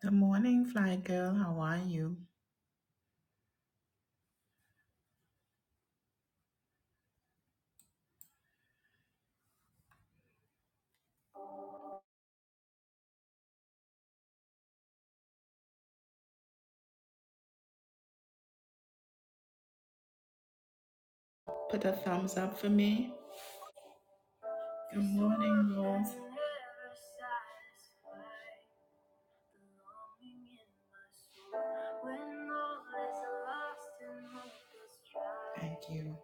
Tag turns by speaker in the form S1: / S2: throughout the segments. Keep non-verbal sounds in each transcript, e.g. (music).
S1: Good morning, Fly Girl. How are you? Put a thumbs up for me. Good morning, Rose. Thank you.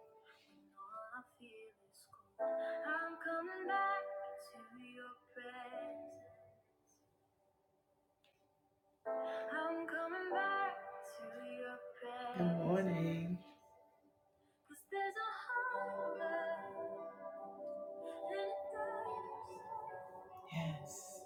S1: Good morning. Yes.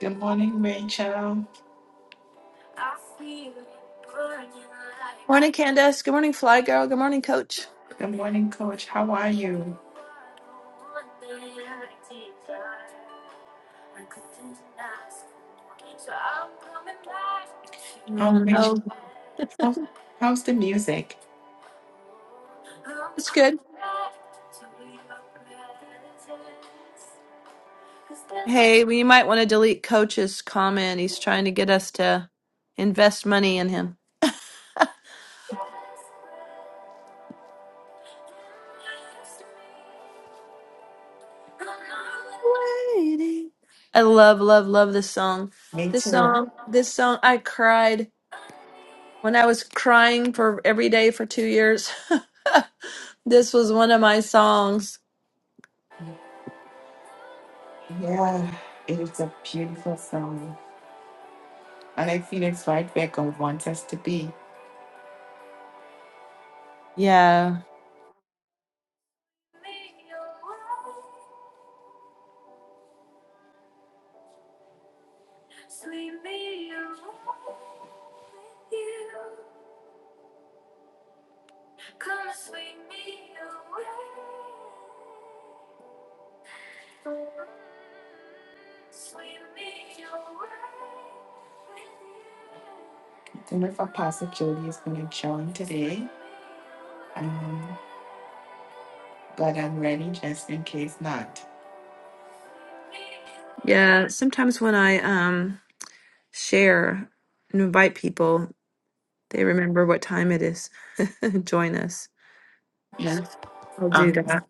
S1: Good morning, Rachel.
S2: Morning, Candace. Good morning, Fly Girl. Good morning, Coach.
S1: Good morning, Coach. How are you? Um,
S2: Mhm.
S1: Rachel,
S2: Oh,
S1: how's, how's the music?
S2: it's good. Hey, we might want to delete Coach's comment. He's trying to get us to invest money in him. Waiting. I love, love, love this song.
S1: Me
S2: This
S1: too.
S2: song, this song, I cried when I was crying for every day for two years. (laughs) this was one of my songs.
S1: Yeah, it is a beautiful song. And I feel it's right where God wants us to be.
S2: Yeah.
S1: I don't know if Apostle Jody is going to join today, um, but I'm ready just in case not.
S2: Yeah. Sometimes when I um share and invite people, They remember what time it is. (laughs) Join us. So
S1: Yeah,
S2: I'll do
S1: I'm just
S2: that.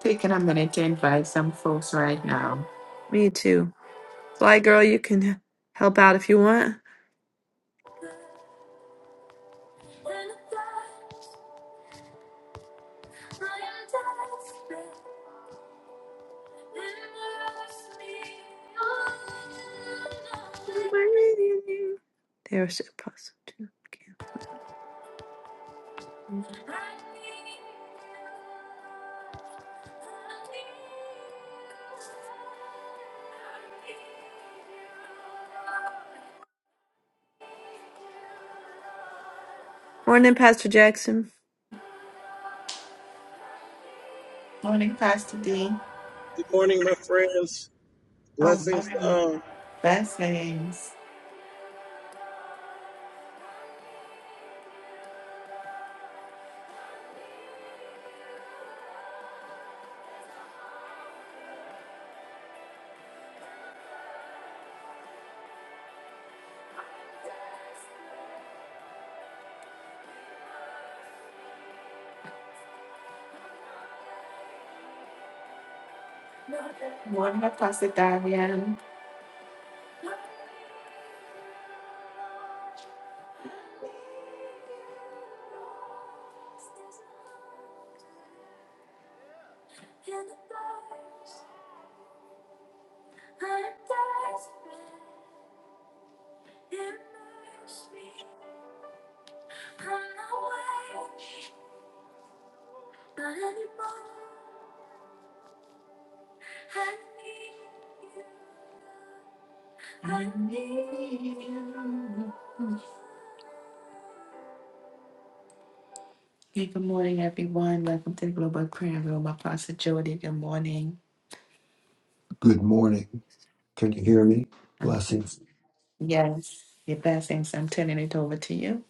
S1: taking a minute to invite some folks right now.
S2: Me too. Fly girl, you can help out if you want. There's apostle too. Okay. Morning, Pastor Jackson.
S1: Morning, Pastor D. Oh, morning. Blessings. Morning, Apostle Darian. I need you. Hey, good morning, everyone. Welcome to the Global Prayer Room. Apostle Jody, good morning.
S3: Good morning. Can you hear me? Blessings.
S1: Yes. Your blessings. I'm turning it over to you.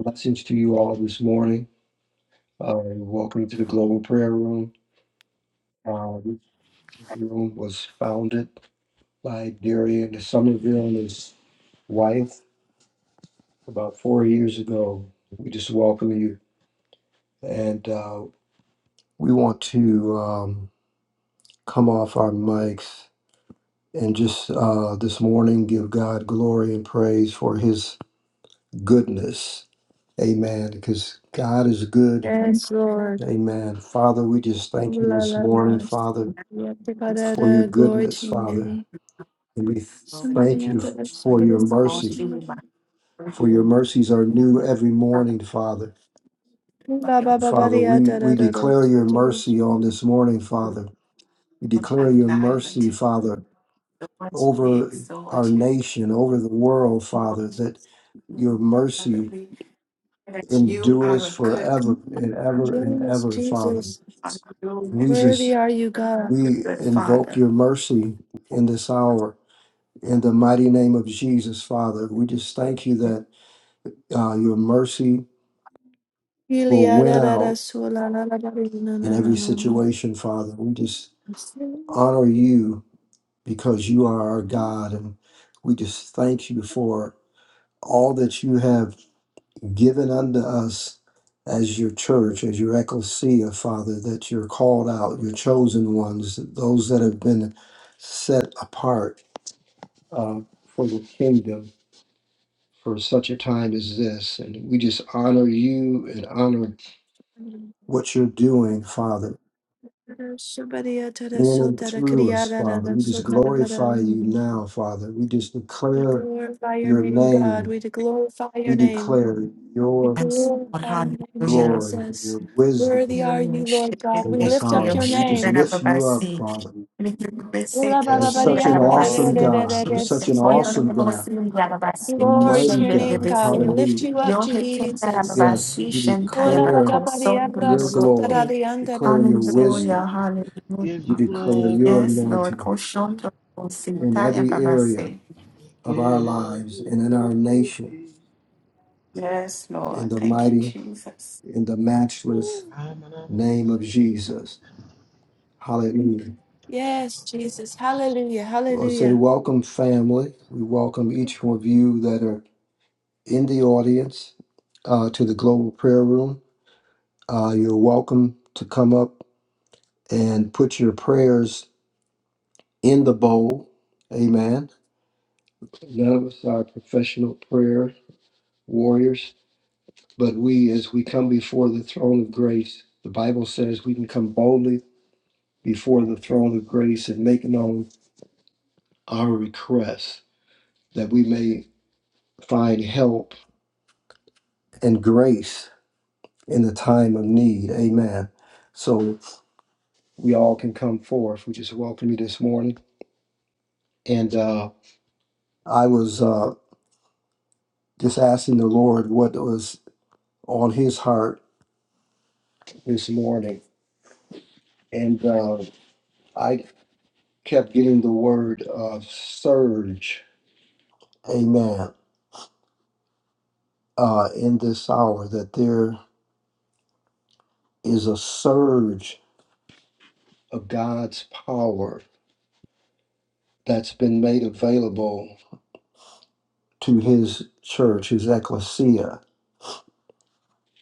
S3: Blessings to you all this morning. Uh, welcome to the Global Prayer Room. Uh, this room was founded by Darian Somerville and his wife about four years ago. We just welcome you. And uh, we want to um, come off our mics and just uh, this morning give God glory and praise for his goodness. Amen. Because God is good
S2: Yes, Lord.
S3: Amen. Father, we just thank
S2: Ooh,
S3: you
S2: la,
S3: this
S2: la, la.
S3: morning, Father,
S2: Yeah, to God,
S3: for your
S2: uh, glory
S3: goodness,
S2: to your
S3: Father.
S2: name.
S3: And we th-
S1: Lord,
S2: Somebody
S3: thank you f-
S2: under,
S3: for
S2: somebody
S1: praise
S3: your
S2: under,
S1: God,
S3: mercy,
S1: you
S2: somebody.
S1: are my
S3: for your
S1: you.
S3: mercies are
S1: We
S3: new
S1: lift
S3: every morning,
S1: up
S3: Father.
S2: Ooh,
S1: for
S2: la,
S1: your
S2: ba, ba, ba,
S1: faithfulness
S3: Father,
S2: dee, ah,
S3: we,
S2: da, da,
S3: we
S2: da,
S3: declare your mercy
S2: da.
S3: on this morning, Father. We
S1: from
S3: declare your
S1: Adonai
S3: mercy,
S1: unto
S3: Father,
S1: the ones we
S3: over our
S1: exalt you.
S3: nation, over the world,
S1: We
S3: Father,
S1: worship
S3: that
S1: you,
S3: your
S1: Father.
S3: mercy
S1: We that you
S3: endures
S1: are a good
S3: forever and
S1: God.
S3: ever and
S2: Yes,
S3: ever, Father.
S2: Jesus.
S1: Hallelujah,
S3: We
S1: Jesus.
S2: Worthy
S3: just
S2: are you,
S1: You're a
S2: God.
S1: Good
S3: We
S1: good
S3: invoke
S1: Father.
S3: your mercy in this hour. In the mighty name of Jesus, Father, we just thank you that uh, your mercy will
S2: Ilia
S3: win
S2: da da da
S3: out
S2: su la la la da da na
S3: in
S2: na na
S3: every
S2: na na.
S3: situation, Father. We just honor you because you are our God. And we just thank you for all that you have given unto us as your church, as your ecclesia, Father, that you're called out, your chosen ones, those that have been set apart uh, for the kingdom. for such a time as this. And we just honor you and honor what you're doing, Father,
S2: Somebody da da
S3: in
S2: so
S3: and
S2: da da
S3: through
S2: kriya
S3: us,
S2: da da
S3: Father.
S2: da
S3: We
S2: so
S3: just
S2: da da ba da.
S3: glorify you now, Father. We just
S2: We
S3: declare
S2: glorify your
S3: your
S2: name, God.
S3: name.
S2: We glorify your
S3: We
S2: name.
S3: declare
S2: We
S3: your
S1: Yes, Lord,
S2: glorify your name,
S1: hallelujah.
S3: glory,
S2: Jesus.
S3: your wisdom
S2: Worthy are
S1: Hallelujah.
S2: you, Lord God.
S3: in
S2: We
S1: Shebe
S3: this
S2: lift up
S1: koyo
S3: hour.
S2: your
S3: We just
S1: shenza
S2: name.
S1: na
S3: lift you up,
S1: babasi.
S3: Father.
S1: Nikibebe seke
S3: You're
S2: Glory
S1: shinda
S3: such an
S1: na
S3: awesome
S1: babasi.
S3: God. You're
S1: Shebe
S3: such an
S1: fondo na
S3: awesome God,
S1: babosi na
S3: a
S1: babasi.
S2: to
S3: mighty
S2: your
S1: Shende na
S2: name,
S3: God.
S2: God.
S1: babesi.
S2: We lift
S3: Hallelujah.
S2: you up,
S1: Yo hekenda na
S2: Jesus.
S3: Yes,
S1: babasi.
S3: we
S1: Shenta ya
S3: declare
S1: bako. Sondo ya
S3: your glory,
S1: babosi.
S3: declare your wisdom
S1: Hallelujah,
S4: give
S3: We
S4: you
S1: hallelujah.
S3: declare
S4: glory,
S3: your
S1: Yes, Lord. i
S3: anointing
S1: Koshondo
S3: in
S1: sinta ya
S3: every area
S1: babasi.
S4: give
S3: of our lives
S4: you
S3: and in our nation
S4: glory.
S1: Yes,
S3: in
S1: Lord.
S3: the
S1: Thank you,
S3: mighty,
S1: Jesus.
S3: in the matchless
S4: Amanama.
S3: name of
S4: says.
S3: Jesus. Hallelujah.
S2: Yes, Jesus. Hallelujah.
S3: I'll say,
S2: Hallelujah.
S3: welcome, family. We welcome each one of you that are in the audience uh, to the Global Prayer Room. Uh, you're welcome to come up and put your prayers in the bowl. Amen. None of us are professional prayer warriors But we, as we come before the throne of grace, the Bible says we can come boldly before the throne of grace and make known our requests that we may find help and grace in the time of need. Amen. So we all can come forth. We just welcome you this morning. And uh, I was uh, just asking the Lord what was on his heart this morning. And uh, I kept getting the word uh, surge. Amen uh, in this hour that there is a surge of God's power that's been made available to his church, his ecclesia.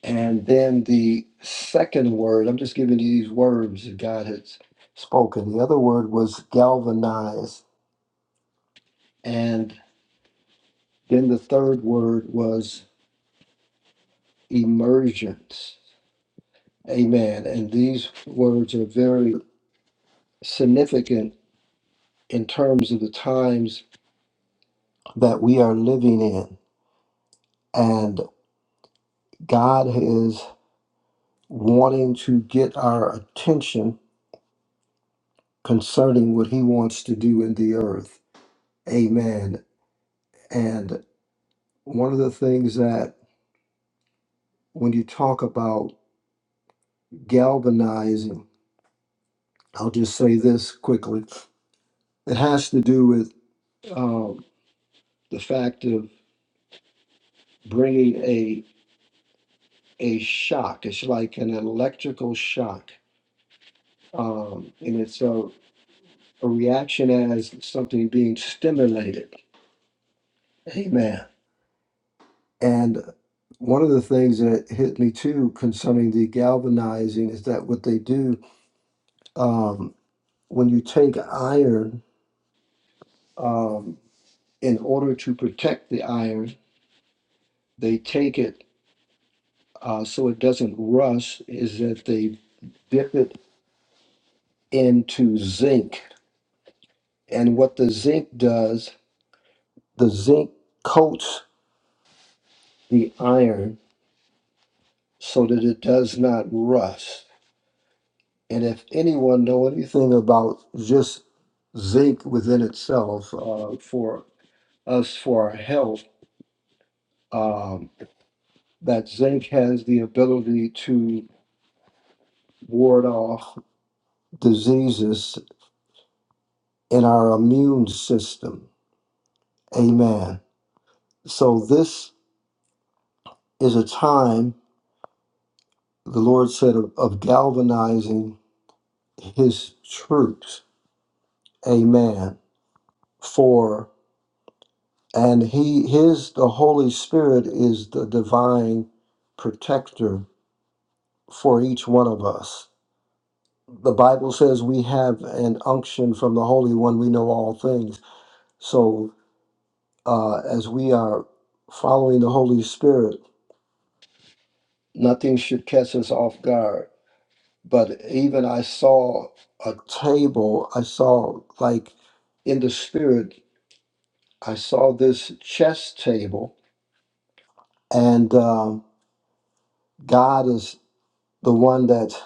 S3: And then the second word, I'm just giving you these words that God has spoken. The other word was galvanize. And then the third word was emergence. Amen. And these words are very significant in terms of the times that we are living in. And God is wanting to get our attention concerning what He wants to do in the earth. Amen. And one of the things that when you talk about galvanizing, I'll just say this quickly. It has to do with um, the fact of bringing a a shock. It's like an electrical shock, um, and it's a. a reaction as something being stimulated. Amen. And one of the things that hit me too concerning the galvanizing is that what they do um, when you take iron, um, in order to protect the iron, they take it uh, so it doesn't rust, is that they dip it into zinc. And what the zinc does, the zinc coats the iron so that it does not rust. And if anyone know anything about just zinc within itself uh, for us for our health, um, that zinc has the ability to ward off diseases in our immune system. Amen. So this is a time the Lord said of, of galvanizing His troops. Amen. For and he his the holy spirit is the divine protector for each one of us the bible says we have an unction from the holy one we know all things so uh, as we are following the holy spirit nothing should catch us off guard but even i saw a table i saw like in the spirit i saw this chess table and um, god is the one that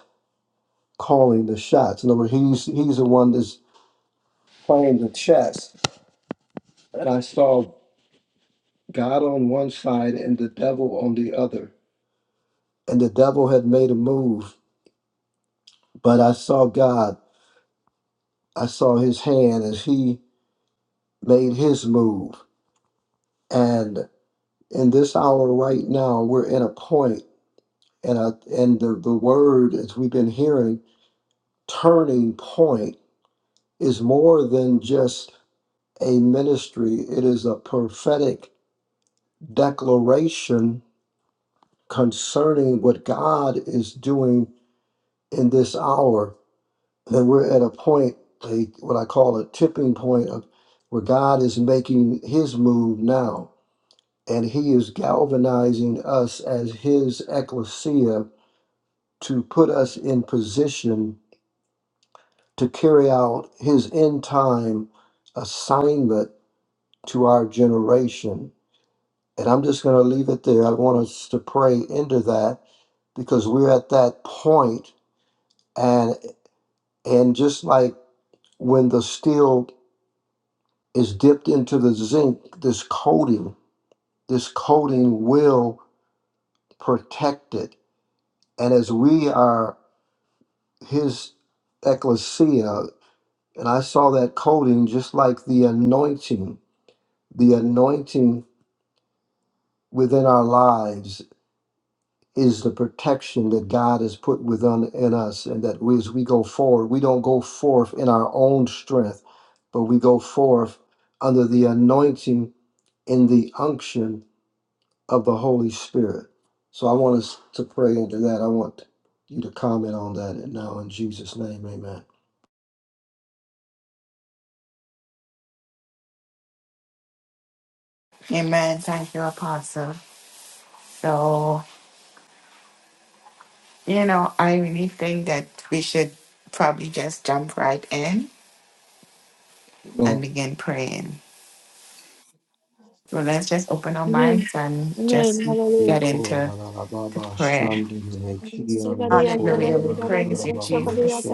S3: calling the shots. In other words, he's he's the one that's playing the chess. And I saw God on one side and the devil on the other. And the devil had made a move, but I saw God. I saw his hand as he made his move. And in this hour right now, we're in a point, and I, and the, the word as we've been hearing, turning point is more than just a ministry. It is a prophetic declaration concerning what God is doing in this hour. That we're at a point, a, what I call a tipping point of where God is making his move now. And he is galvanizing us as his ecclesia to put us in position to carry out his end time assignment to our generation. And I'm just going to leave it there. I want us to pray into that because we're at that point And just like when the steel is dipped into the zinc, this coating, this coating will protect it. And as we are his ecclesia, and I saw that coating just like the anointing, the anointing within our lives is the protection that God has put within in us, and that we, as we go forward, we don't go forth in our own strength, but we go forth under the anointing in the unction of the Holy Spirit. So I want us to pray into that. I want you to comment on that and now in Jesus' name, amen.
S1: Amen. Thank you, Apostle. So. You know, I really think that we should probably just jump right in and begin praying. So let's just open our
S2: Amen.
S1: minds and just
S2: Amen.
S1: get
S2: Hallelujah.
S1: into the prayer. Hallelujah. We praise you, Jesus.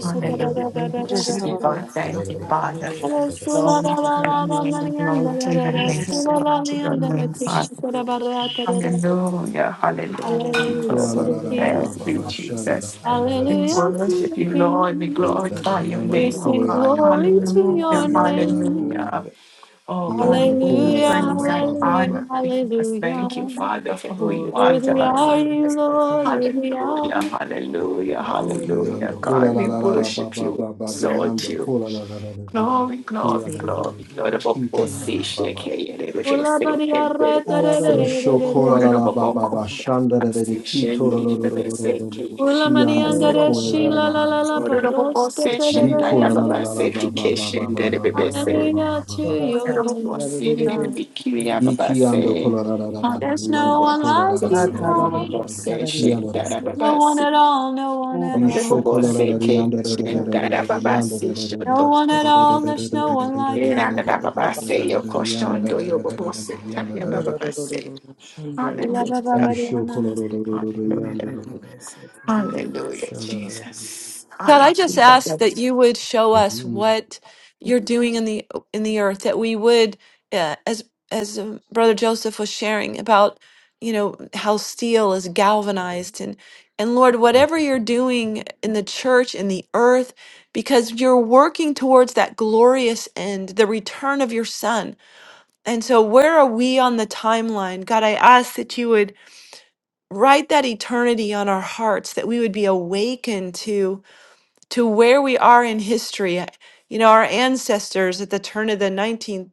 S1: Hallelujah. We worship you,
S5: Esororo
S1: God. Thank you, Father.
S5: shamatararororo
S2: Hallelujah
S1: Glory to
S2: to
S1: your
S5: sintararabas.
S1: name. Glory to your name. Glory to your name,
S5: Ararararararabas
S1: Father.
S5: satirereki.
S1: Hallelujah, hallelujah.
S5: Arararo
S1: Oh,
S2: the
S5: serereki
S2: King.
S1: thank you,
S5: sararara.
S1: Jesus.
S5: Anda.
S1: We
S2: Hallelujah
S3: Amen. (laughs)
S2: to
S1: worship
S2: the
S1: you, Lord. We
S2: King.
S1: glorify your
S2: We
S3: Yanda
S5: Isororororo
S1: name, oh
S2: sing
S3: koya la
S1: God.
S3: la la
S2: glory
S3: la la
S2: to
S3: la.
S5: serereki
S3: the
S2: your
S1: Hallelujah,
S5: sararo.
S3: Yanda da
S2: name.
S3: Boon,
S1: hallelujah. Oh
S3: the
S1: God, we
S3: Yanda
S1: give
S5: Abarara
S1: you
S3: kola la
S2: Hallelujah,
S3: la
S1: praise
S3: ba
S1: and
S3: ba
S5: satirere.
S3: ba
S2: hallelujah,
S3: ba
S1: honor,
S3: ba.
S1: Jesus.
S2: hallelujah.
S1: Thank you, Father, for who you are to
S2: Worthy
S1: us.
S2: are
S3: Wired
S5: Otororororo
S2: you, Lord,
S3: connection.
S5: satirere.
S2: worthy are
S1: Hallelujah,
S2: you.
S1: hallelujah,
S3: Yanda
S1: hallelujah.
S5: Nerororororo
S3: kola
S1: God,
S3: la
S1: we
S3: la la la ba
S1: worship
S3: ba
S1: you, we
S3: ba ba. the
S1: exalt
S3: Yanda
S1: you.
S5: sararara.
S3: kola la la la la. the
S1: Glory,
S3: Yanda
S1: glory,
S3: koya la la
S5: Otororororo
S1: glory.
S3: yanda.
S1: You're the vocal
S3: Kita la la
S1: sea,
S3: la
S5: sararara.
S3: ba
S1: shake
S3: ba.
S1: it, it was just
S2: Ula
S1: safe
S2: baria
S1: and
S2: re te
S1: beautiful.
S2: re
S1: So,
S2: re
S3: Usho
S2: re re
S3: kola
S5: Ararararararabas
S1: you're the
S3: la
S2: re
S1: vocal sea, Lord of
S3: la ba
S1: all,
S2: re.
S3: ba
S1: call
S3: ba.
S5: sararara.
S1: me up.
S3: Shanda
S1: I
S3: la la la.
S1: see
S3: Kito
S1: shin,
S3: la la
S1: it
S3: la
S1: was
S3: la la
S1: safe,
S3: la la.
S1: it
S2: Ula
S3: Shianda
S1: was
S2: manianda de
S1: long.
S3: Kola la koya la
S2: shi la
S3: la
S2: la
S3: la
S2: la
S5: Erararararabas
S2: la
S3: la
S1: You're
S3: la.
S1: the vocal
S2: parosta
S1: sea,
S3: Li
S1: shin,
S5: satirere.
S1: I
S2: terere.
S3: kola
S1: have
S3: la la
S1: a
S3: la la
S1: safety
S3: ba ba ba ba
S1: kitchen,
S3: ba
S1: that
S3: ba
S1: it
S3: ba
S1: was
S3: ba
S1: safe.
S3: ba
S2: Hallelujah
S3: ba
S2: to
S3: ba ba.
S1: You're
S2: your
S1: the
S5: Obata,
S1: vocal
S2: name,
S1: sea, it was
S5: Sararere,
S2: God.
S1: be cute, I have a
S3: Iki ando
S1: safe.
S3: kola la la la la la
S2: There's no
S3: riando
S1: Hallelujah,
S2: one
S3: kola la
S2: like
S3: la la
S1: Jesus,
S2: you,
S3: la
S1: you're
S5: Tata,
S1: the
S3: riando
S2: God.
S3: la
S1: vocal
S5: Rororo,
S3: la la la
S1: sea, shin,
S3: kiando la
S1: that I
S5: Sararere,
S3: la
S1: have
S3: la
S2: No
S1: a safe. You're the other
S2: one
S1: say.
S2: at all, no one at
S1: Lord
S5: Oba,
S1: of
S3: isho
S2: all.
S1: all,
S5: Sata,
S3: kola la la
S1: say,
S5: Tata,
S3: riando la la la
S1: kitchen,
S3: la
S5: Rororo,
S3: la
S1: that I
S3: la
S1: have a
S3: riando la
S2: No
S1: safe.
S3: la
S2: one at all, there's
S3: la
S2: no
S3: la
S2: one like
S3: la
S1: Era da Baba
S3: riando la la la la la
S1: say Your Iradadababasaya,
S3: la
S5: Abata,
S1: koshandoyobobosita,
S3: riando la la la
S1: yabababasaya.
S5: Rororo, Shandoro,
S1: Hallelujah.
S3: isho kola
S2: you.
S3: la la la la
S1: Hallelujah.
S3: riando
S5: Maybe
S3: la la la
S5: Besset,
S1: Hallelujah,
S3: shala la la
S1: Jesus.
S2: God, I just ask
S1: Hallelujah.
S2: that you would show us
S3: Mhm.
S2: what you're doing in the in the earth, that we would, uh, as as um, Brother Joseph was sharing about, you know how steel is galvanized, and and Lord, whatever you're doing in the church in the earth, because you're working towards that glorious end, the return of your Son. And so, where are we on the timeline, God? I ask that you would write that eternity on our hearts, that we would be awakened to to where we are in history. You know, our ancestors at the turn of the 19th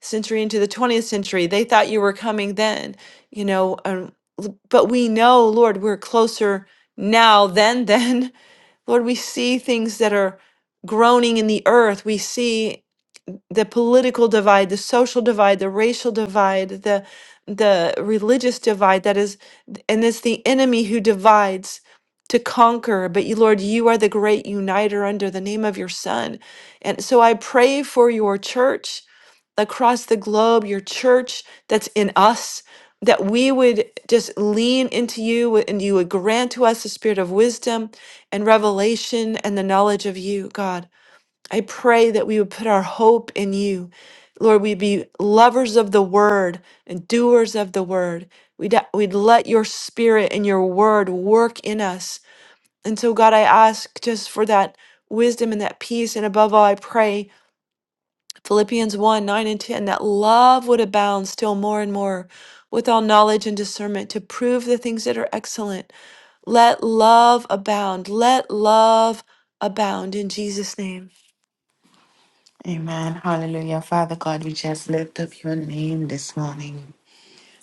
S2: century into the 20th century, they thought you were coming then, you know, um, l- but we know, Lord, we're closer now than then. (laughs) Lord, we see things that are groaning in the earth. We see the political divide, the social divide, the racial divide, the the religious divide that is and it's the enemy who divides to conquer but you lord you are the great uniter under the name of your son and so i pray for your church across the globe your church that's in us that we would just lean into you and you would grant to us the spirit of wisdom and revelation and the knowledge of you god I pray that we would put our hope in you. Lord, we'd be lovers of the word and doers of the word. We'd, we'd let your spirit and your word work in us. And so, God, I ask just for that wisdom and that peace. And above all, I pray Philippians 1 9 and 10 that love would abound still more and more with all knowledge and discernment to prove the things that are excellent. Let love abound. Let love abound in Jesus' name.
S1: Amen. Hallelujah. Father God, we just lift up your name this morning.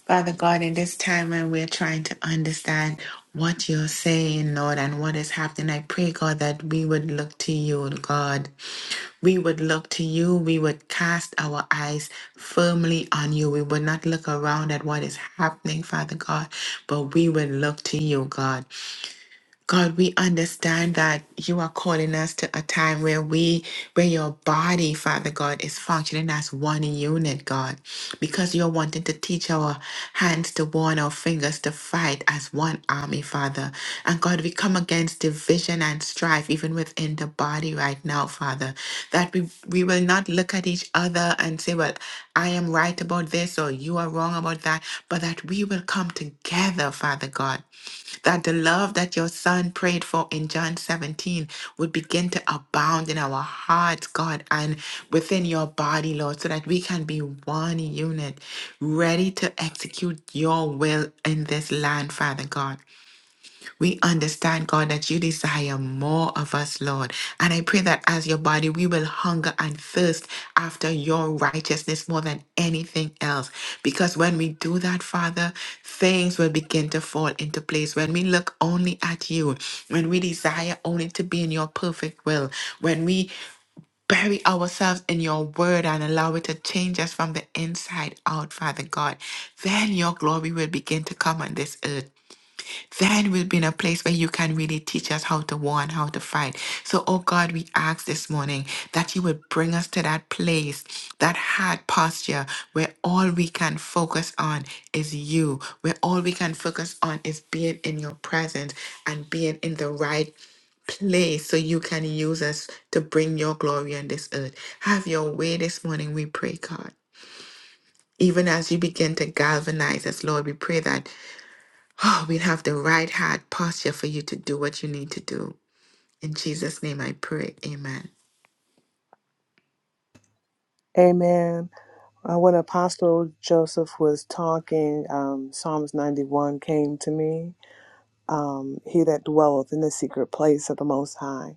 S1: Father God, in this time when we're trying to understand what you're saying, Lord, and what is happening, I pray, God, that we would look to you, God. We would look to you. We would cast our eyes firmly on you. We would not look around at what is happening, Father God, but we would look to you, God. God, we understand that you are calling us to a time where we, where your body, Father God, is functioning as one unit, God, because you're wanting to teach our hands to warn, our fingers to fight as one army, Father. And God, we come against division and strife even within the body right now, Father, that we, we will not look at each other and say, well, I am right about this or you are wrong about that, but that we will come together, Father God that the love that your son prayed for in John 17 would begin to abound in our hearts, God, and within your body, Lord, so that we can be one unit, ready to execute your will in this land, Father God. We understand, God, that you desire more of us, Lord. And I pray that as your body, we will hunger and thirst after your righteousness more than anything else. Because when we do that, Father, things will begin to fall into place. When we look only at you, when we desire only to be in your perfect will, when we bury ourselves in your word and allow it to change us from the inside out, Father God, then your glory will begin to come on this earth. That will be in a place where you can really teach us how to war and how to fight. So, oh God, we ask this morning that you would bring us to that place, that hard posture where all we can focus on is you, where all we can focus on is being in your presence and being in the right place so you can use us to bring your glory on this earth. Have your way this morning, we pray, God. Even as you begin to galvanize us, Lord, we pray that Oh, we'd have the right heart posture for you to do what you need to do. In Jesus' name I pray. Amen.
S5: Amen. Uh, when Apostle Joseph was talking, um, Psalms 91 came to me. Um, he that dwelleth in the secret place of the Most High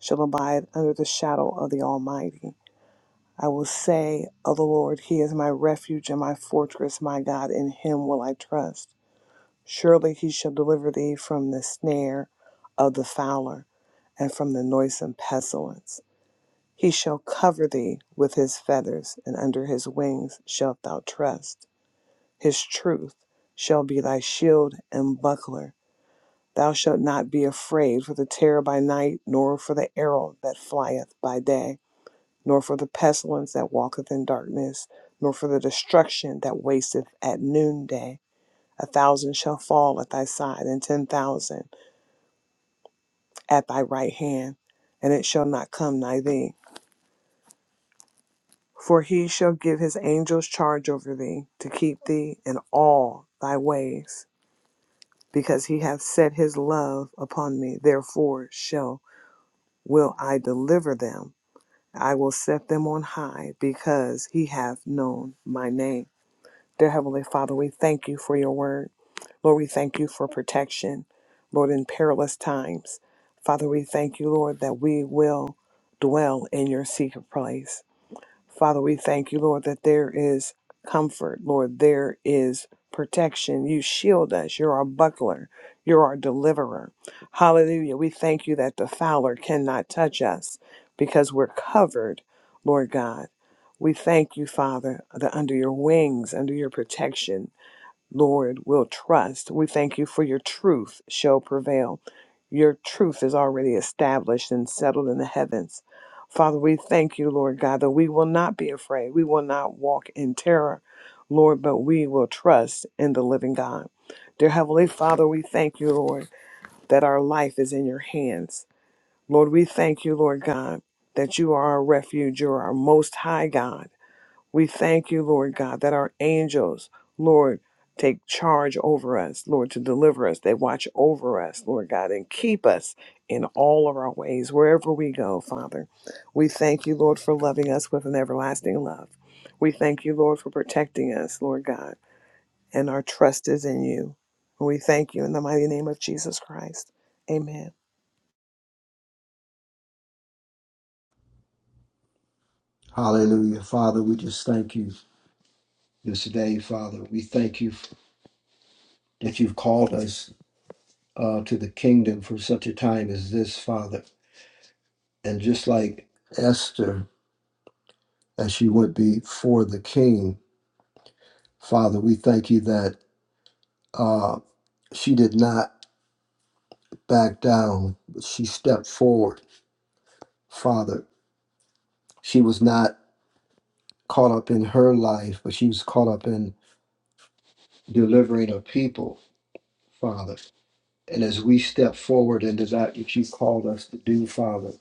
S5: shall abide under the shadow of the Almighty. I will say of the Lord, He is my refuge and my fortress, my God, in Him will I trust. Surely He shall deliver thee from the snare of the fowler and from the noisome pestilence. He shall cover thee with His feathers, and under His wings shalt thou trust. His truth shall be thy shield and buckler. Thou shalt not be afraid for the terror by night, nor for the arrow that flieth by day nor for the pestilence that walketh in darkness, nor for the destruction that wasteth at noonday. A thousand shall fall at thy side, and ten thousand at thy right hand, and it shall not come nigh thee. For he shall give his angels charge over thee, to keep thee in all thy ways. Because he hath set his love upon me, therefore shall will I deliver them. I will set them on high, because he hath known my name. Dear Heavenly Father, we thank you for your word. Lord, we thank you for protection, Lord, in perilous times. Father, we thank you, Lord, that we will dwell in your secret place. Father, we thank you, Lord, that there is comfort. Lord, there is protection. You shield us. You're our buckler. You're our deliverer. Hallelujah. We thank you that the fowler cannot touch us because we're covered, Lord God. We thank you, Father, that under your wings, under your protection, Lord, will trust. We thank you for your truth shall prevail. Your truth is already established and settled in the heavens. Father, we thank you, Lord God, that we will not be afraid. We will not walk in terror, Lord, but we will trust in the living God. Dear Heavenly Father, we thank you, Lord, that our life is in your hands. Lord, we thank you, Lord God, that you are our refuge. You're our most high God. We thank you, Lord God, that our angels, Lord, take charge over us, Lord, to deliver us. They watch over us, Lord God, and keep us in all of our ways, wherever we go, Father. We thank you, Lord, for loving us with an everlasting love. We thank you, Lord, for protecting us, Lord God, and our trust is in you. We thank you in the mighty name of Jesus Christ. Amen.
S3: Hallelujah. Father, we just thank you this day, Father. We thank you that you've called us uh, to the kingdom for such a time as this, Father. And just like Esther, as she went before the king, Father, we thank you that uh, she did not back down, but she stepped forward. Father, she was not caught up in her life, but she was caught up in delivering a people, Father. And as we step forward into that which you called us to do, Father,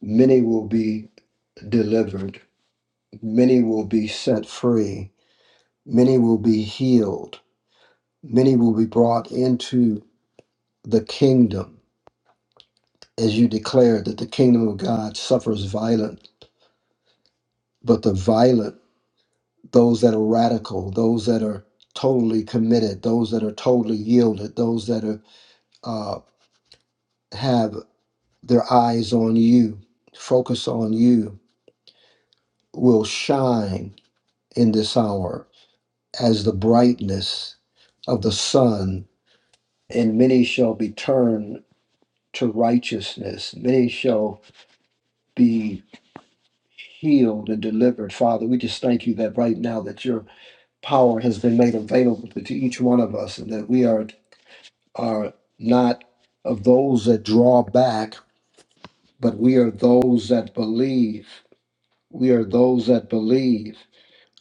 S3: many will be delivered, many will be set free, many will be healed, many will be brought into the kingdom, as you declared that the kingdom of God suffers violent, but the violent, those that are radical, those that are totally committed, those that are totally yielded, those that are uh, have their eyes on you, focus on you, will shine in this hour as the brightness of the sun, and many shall be turned to righteousness. Many shall be healed and delivered. Father, we just thank you that right now that your power has been made available to, to each one of us and that we are are not of those that draw back, but we are those that believe. We are those that believe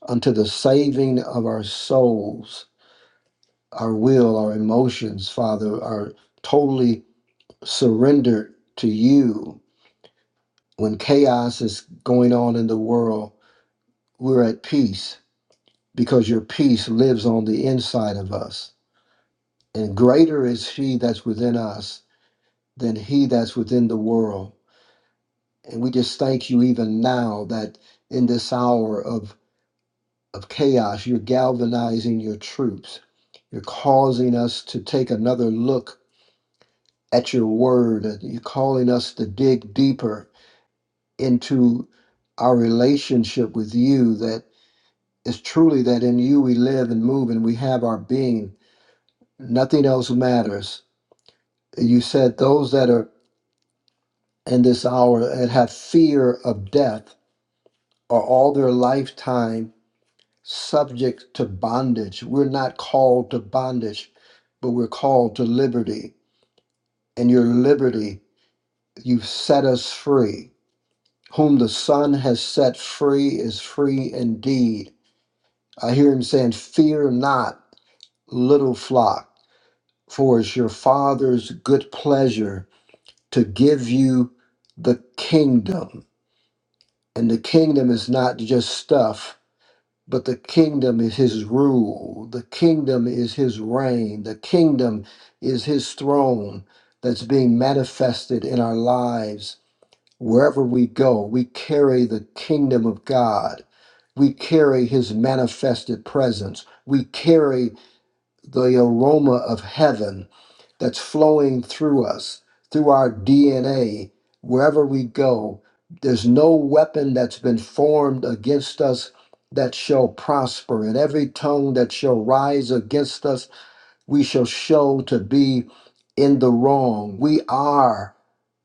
S3: unto the saving of our souls, our will, our emotions, Father, are totally surrendered to you. When chaos is going on in the world, we're at peace because your peace lives on the inside of us. And greater is he that's within us than he that's within the world. And we just thank you even now that in this hour of, of chaos, you're galvanizing your troops. You're causing us to take another look at your word. You're calling us to dig deeper into our relationship with you that it's truly that in you we live and move and we have our being. Nothing else matters you said those that are in this hour that have fear of death are all their lifetime subject to bondage. We're not called to bondage, but we're called to liberty. And your liberty, you've set us free. Whom the Son has set free is free indeed. I hear him saying, Fear not, little flock, for it's your Father's good pleasure to give you the kingdom. And the kingdom is not just stuff, but the kingdom is his rule. The kingdom is his reign. The kingdom is his throne that's being manifested in our lives. Wherever we go, we carry the kingdom of God. We carry his manifested presence. We carry the aroma of heaven that's flowing through us, through our DNA, wherever we go. There's no weapon that's been formed against us that shall prosper, and every tongue that shall rise against us we shall show to be in the wrong. We are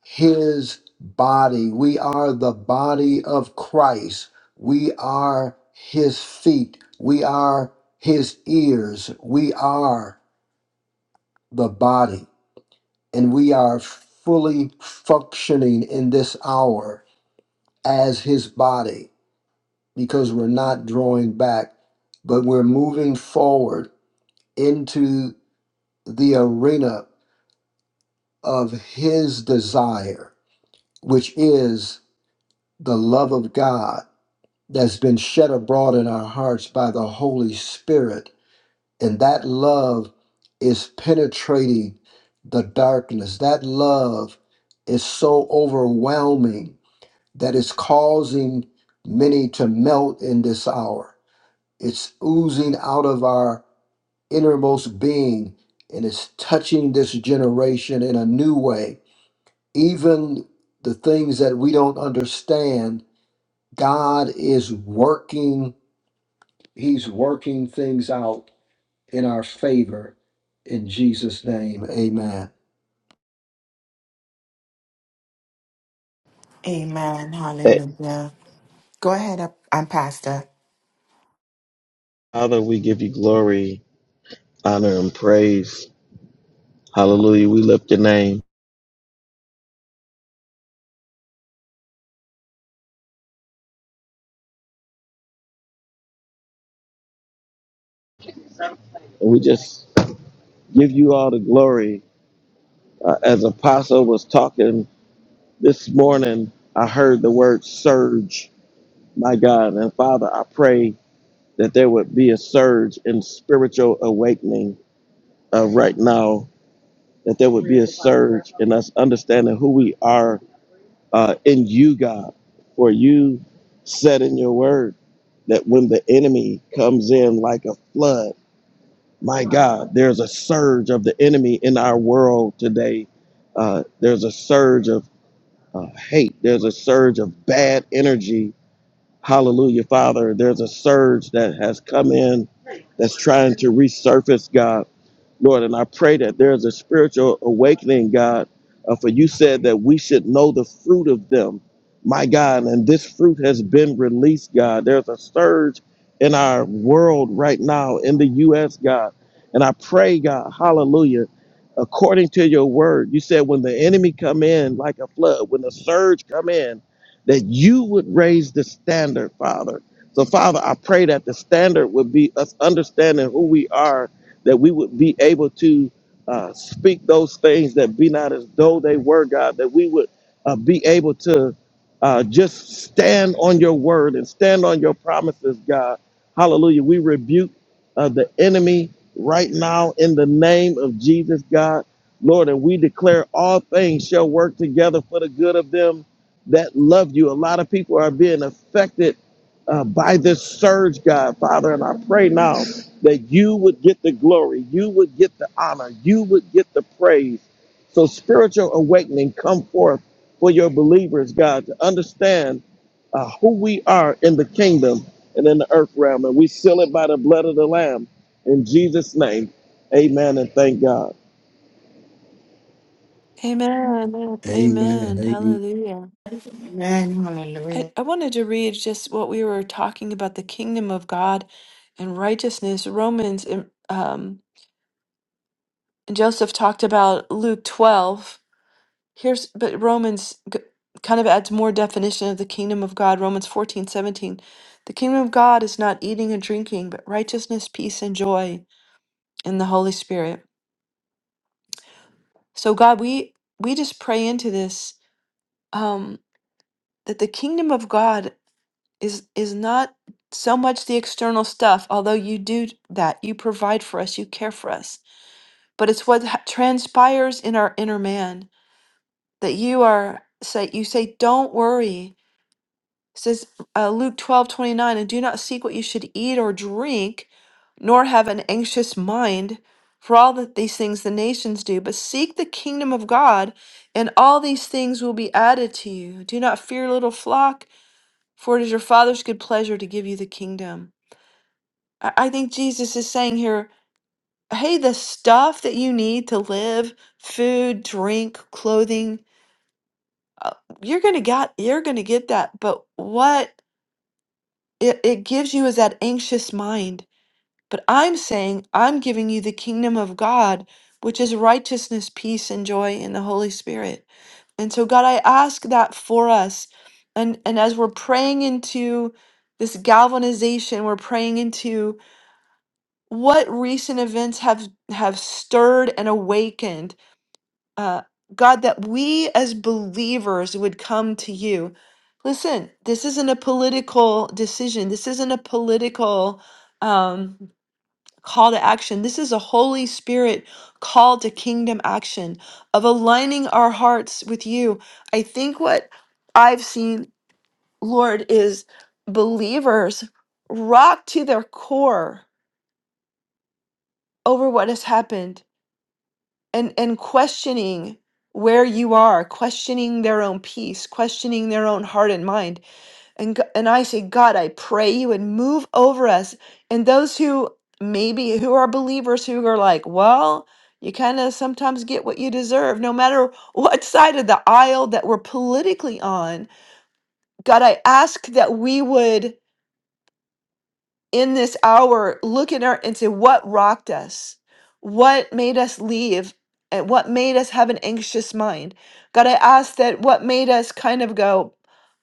S3: his body. We are the body of Christ. We are his feet. We are his ears. We are the body. And we are fully functioning in this hour as his body because we're not drawing back, but we're moving forward into the arena of his desire, which is the love of God that's been shed abroad in our hearts by the Holy Spirit. And that love is penetrating the darkness. That love is so overwhelming that it's causing many to melt in this hour. It's oozing out of our innermost being and it's touching this generation in a new way Even the things that we don't understand, God is working, He's working things out in our favor. In Jesus' name, amen.
S1: Amen.
S4: Hey,
S1: Hallelujah. Go ahead up and pastor.
S4: Father, we give you glory, honor, and praise. Hallelujah. We lift your name. And we just give you all the glory. Uh, as Apostle was talking this morning, I heard the word surge, my God. And Father, I pray that there would be a surge in spiritual awakening uh, right now, that there would be a surge in us understanding who we are uh, in you, God, for you said in your word that when the enemy comes in like a flood, my God, there's a surge of the enemy in our world today. Uh, there's a surge of uh, hate, there's a surge of bad energy. Hallelujah, Father. There's a surge that has come in that's trying to resurface, God. Lord. And I pray that there is a spiritual awakening, God, uh, for you said that we should know the fruit of them, my God. And this fruit has been released, God. There's a surge in our world right now in the U.S., God. And I pray, God, hallelujah, according to your word, you said when the enemy come in like a flood, when the surge come in, that you would raise the standard, Father. So, Father, I pray that the standard would be us understanding who we are that we would be able to uh, speak those things that be not as though they were, God, that we would uh, be able to uh, just stand on your word and stand on your promises, God. Hallelujah. We rebuke uh, the enemy right now in the name of Jesus, God. Lord, and we declare all things shall work together for the good of them that love you. A lot of people are being affected uh, by this surge, God, Father. And I pray now that you would get the glory, you would get the honor, you would get the praise. So spiritual awakening come forth for your believers, God, to understand uh, who we are in the kingdom and in the earth realm. And we seal it by the blood of the Lamb. In Jesus' name, amen and thank God.
S2: Amen.
S3: Amen.
S2: Amen.
S3: Amen.
S2: Hallelujah.
S1: Amen.
S2: I,
S1: Hallelujah.
S2: I wanted to read just what we were talking about the kingdom of God and righteousness. Romans, um, um, Joseph talked about Luke 12. Here's, but Romans g- kind of adds more definition of the kingdom of God. Romans 14 17, The kingdom of God is not eating and drinking, but righteousness, peace, and joy in the Holy Spirit. So, God, we, we just pray into this um, that the kingdom of God. is is not so much the external stuff although you do that you provide for us you care for us but it's what ha- transpires in our inner man that you are say you say don't worry It says uh, luke twelve twenty nine, and do not seek what you should eat or drink nor have an anxious mind for all that these things the nations do but seek the kingdom of god and all these things will be added to you do not fear little flock for it is your father's good pleasure to give you the kingdom I I think Jesus is saying here, hey, the stuff that you need to live, food, drink, clothing, uh, you're going to get you're going to get that, but what it, it gives you is that anxious mind. But I'm saying I'm giving you the kingdom of God, which is righteousness, peace, and joy in the Holy Spirit. And so, God, I ask that for us. And, and as we're praying into this galvanization, we're praying into what recent events have have stirred and awakened uh god that we as believers would come to you listen this isn't a political decision this isn't a political um call to action this is a holy spirit call to kingdom action of aligning our hearts with you i think what i've seen lord is believers rocked to their core over what has happened and and questioning where you are questioning their own peace questioning their own heart and mind and g- and i say god i pray you would move over us and those who maybe who are believers who are like well you kind of sometimes get what you deserve no matter what side of the aisle that we're politically on god i ask that we would in this hour look in our and say what rocked us what made us leave and what made us have an anxious mind god i ask that what made us kind of go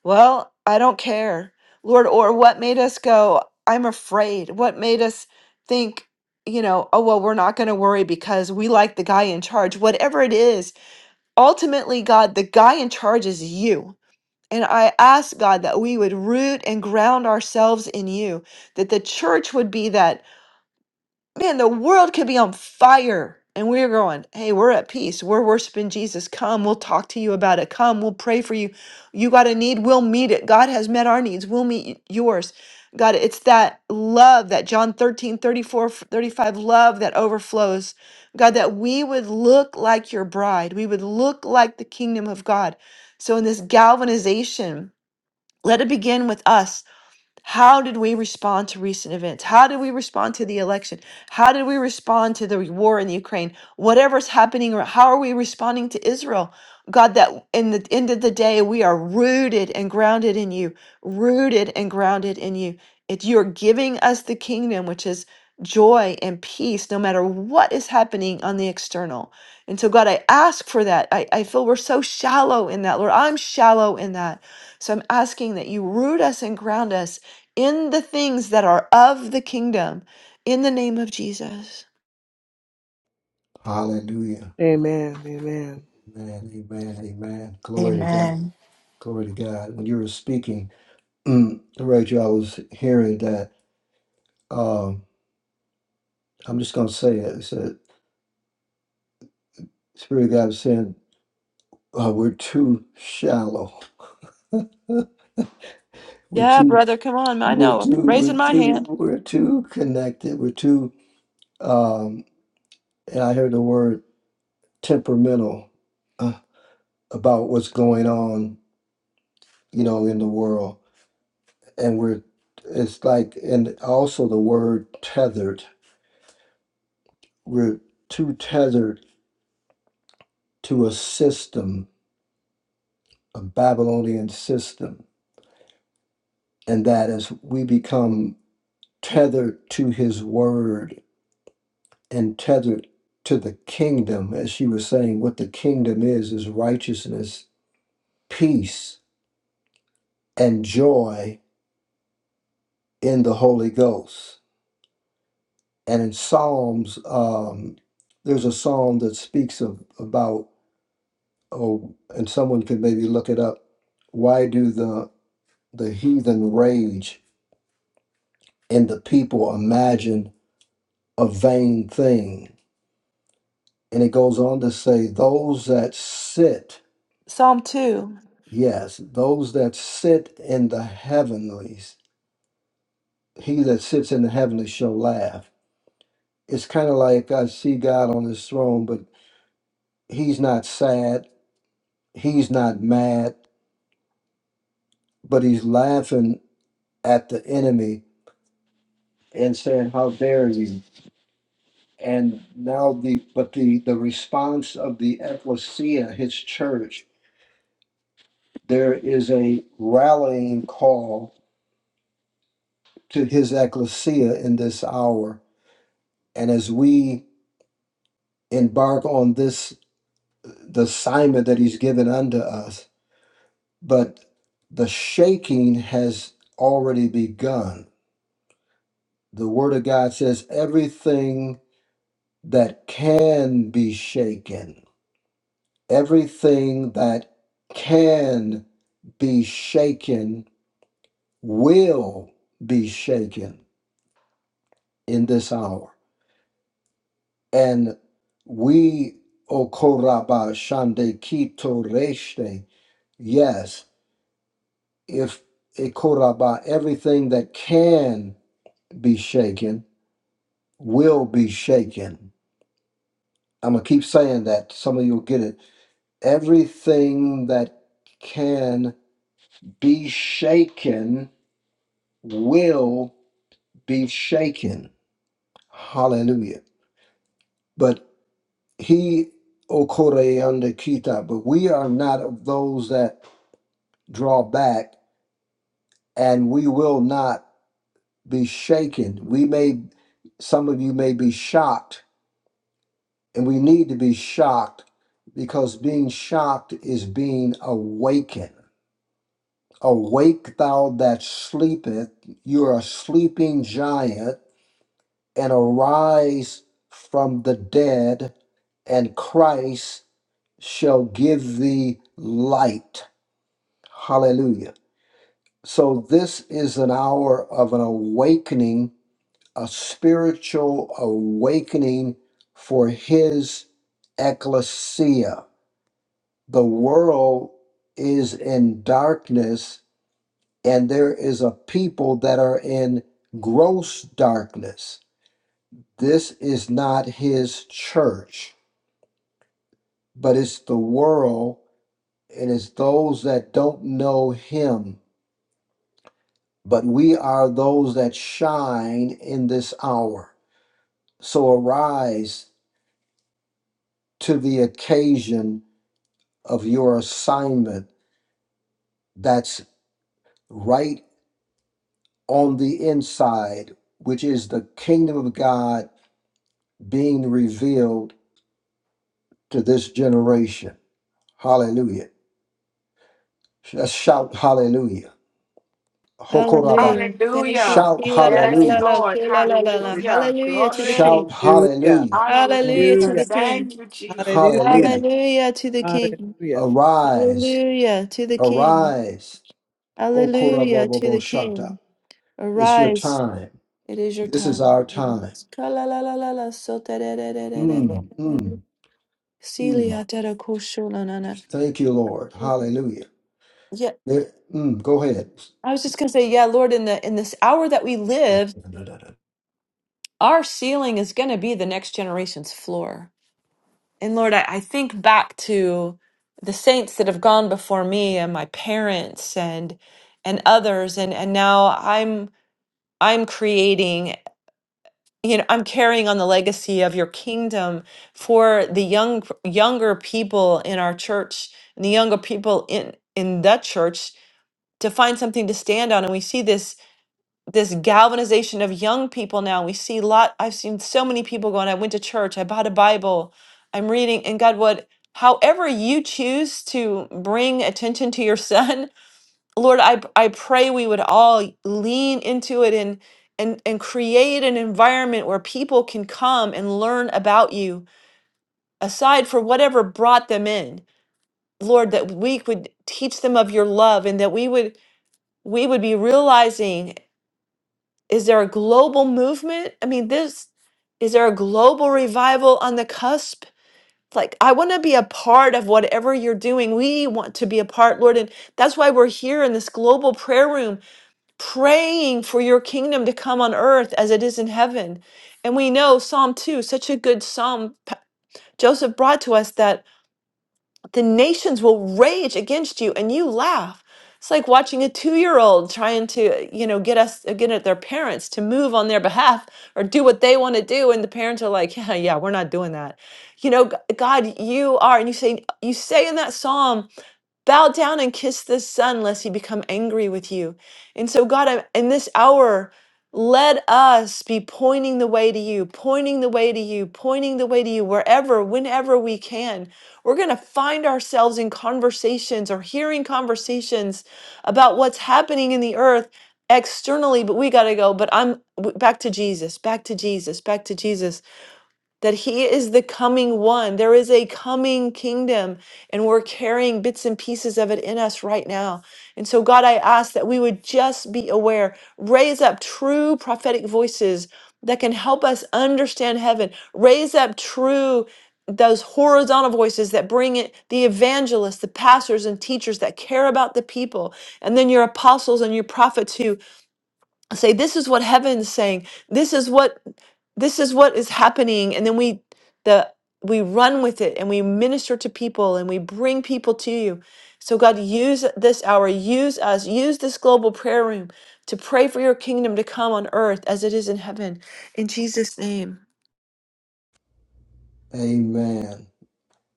S2: well i don't care lord or what made us go i'm afraid what made us think you know oh well we're not going to worry because we like the guy in charge whatever it is ultimately god the guy in charge is you and I ask God that we would root and ground ourselves in you, that the church would be that, man, the world could be on fire. And we're going, hey, we're at peace. We're worshiping Jesus. Come, we'll talk to you about it. Come, we'll pray for you. You got a need, we'll meet it. God has met our needs, we'll meet y- yours. God, it's that love, that John 13 34 35 love that overflows. God, that we would look like your bride. We would look like the kingdom of God. So in this galvanization, let it begin with us how did we respond to recent events? How did we respond to the election? How did we respond to the war in Ukraine? Whatever's happening, or how are we responding to Israel? God, that in the end of the day, we are rooted and grounded in you, rooted and grounded in you. If you're giving us the kingdom, which is joy and peace, no matter what is happening on the external. And so, God, I ask for that. I, I feel we're so shallow in that, Lord. I'm shallow in that. So I'm asking that you root us and ground us in the things that are of the kingdom in the name of Jesus.
S3: Hallelujah.
S5: Amen. Amen.
S3: Amen. Amen. Amen. Glory to God.
S1: Amen.
S3: Glory to God. When you were speaking, mm, Rachel, I was hearing that. Um, I'm just going to say it. It's a Spirit of God was saying, uh, we're too shallow. We're
S2: Yeah,
S3: too
S2: brother, come on. I
S3: We're
S2: know. I'm
S3: too, we're
S2: raising my
S3: too,
S2: hand.
S3: we're too connected. We're too, um, and I heard the word temperamental uh, about what's going on, you know, in the world. And we're, it's like, and also the word tethered. We're too tethered to a system, a Babylonian system. And that is, we become tethered to his word and tethered to the kingdom, as she was saying, what the kingdom is, is righteousness peace and joy in the Holy Ghost. And in Psalms, um, there's a psalm that speaks of about oh, and someone could maybe look it up. Why do the the heathen rage and the people imagine a vain thing? And it goes on to say, those that sit,
S2: Psalm 2.
S3: yes, those that sit in the heavenlies, he that sits in the heavenlies shall laugh it's kind of like I see God on his throne, but He's not sad. He's not mad, but he's laughing at the enemy and saying, "How dare you!" And now the but the the response of the ecclesia, his church, there is a rallying call to his ecclesia in this hour, and as we embark on this the assignment that he's given unto us, but the shaking has already begun the word of God says everything that can be shaken, everything that can be shaken will be shaken in this hour. And we, Okoraba Shande Kito Reshte, yes, if Ekoraba, everything that can be shaken will be shaken. I'm going to keep saying that. Some of you will get it everything that can be shaken will be shaken. Hallelujah. But he okore under kita, but we are not of those that draw back and we will not be shaken. We may some of you may be shocked, and we need to be shocked because being shocked is being awakened. Awake, thou that sleepeth, you're a sleeping giant, and arise from the dead, and Christ shall give thee light. Hallelujah. So, this is an hour of an awakening, a spiritual awakening for his ecclesia. The world is in darkness and there is a people that are in gross darkness. This is not his church, but it's the world and it's those that don't know him. But we are those that shine in this hour. So arise to the occasion of your assignment that's right on the inside, which is the kingdom of God being revealed to this generation. Hallelujah. Let's shout hallelujah. Hokoraba.
S2: Hallelujah. Thank you.
S1: Hallelujah.
S3: Shout
S2: La, la, la,
S1: Yes,
S2: la,
S3: hallelujah.
S2: la.
S1: Lord.
S2: La, la, la, la.
S1: Hallelujah.
S2: Hallelujah to the
S1: Glory.
S3: Shout
S2: King.
S5: Hallelujah.
S3: hallelujah.
S1: Hallelujah.
S3: Mm.
S2: Hallelujah to
S5: Hallelujah.
S2: the King.
S1: Thank you, Jesus.
S3: Hallelujah.
S2: Hallelujah to the King.
S5: Hallelujah.
S3: Arise.
S2: Hallelujah to the King.
S3: Arise.
S2: Hallelujah to the
S3: Okoraboboboshata.
S2: King.
S3: It's your
S2: Arise.
S3: time.
S2: It is your
S3: This is
S2: time.
S3: our time.
S2: Ka, la, la, la, la, la. So, da, da, da, da, da,
S3: Mm,
S2: da.
S3: mm, mm.
S2: Celia dada kosho na na na.
S3: Thank you, Lord. Hallelujah.
S2: Yeah,
S3: There- mm, go ahead.
S2: I was just gonna say, yeah, Lord, in the in this hour that we live, our ceiling is gonna be the next generation's floor. And Lord, I, I think back to the saints that have gone before me and my parents and and others and and now I'm I'm creating you know I'm carrying on the legacy of your kingdom for the young younger people in our church and the younger people in in the church to find something to stand on and we see this this galvanization of young people now we see lot i've seen so many people going i went to church i bought a bible i'm reading and god what however you choose to bring attention to your son (laughs) lord i i pray we would all lean into it and and and create an environment where people can come and learn about you aside for whatever brought them in lord that we could teach them of your love and that we would we would be realizing Is there a global movement? I mean, this is there a global revival on the cusp? Like, I want to be a part of whatever you're doing. We want to be a part, Lord. And that's why we're here in this global prayer room, praying for your kingdom to come on earth as it is in heaven. And we know Psalm 2, such a good psalm Pa- Joseph brought to us that the nations will rage against you and you laugh it's like watching a two-year-old trying to you know get us get at their parents to move on their behalf or do what they want to do and the parents are like yeah yeah we're not doing that you know G- god you are and you say you say in that psalm Bow down and kiss the Son, lest he become angry with you. And so, God, I- in this hour, let us be pointing the way to you, pointing the way to you, pointing the way to you, wherever, whenever we can. We're going to find ourselves in conversations or hearing conversations about what's happening in the earth externally, but we got to go. But I'm w- back to Jesus, back to Jesus, back to Jesus that he is the coming one. There is a coming kingdom, and we're carrying bits and pieces of it in us right now. And so, God, I ask that we would just be aware, raise up true prophetic voices that can help us understand heaven, raise up true. Those horizontal voices that bring it, the evangelists, the pastors and teachers that care about the people, and then your apostles and your prophets who say this is what heaven's saying this is what this is what is happening and then we the we run with it and we minister to people and we bring people to you so god use this hour use us use this global prayer room to pray for your kingdom to come on earth as it is in heaven in jesus name
S3: Amen.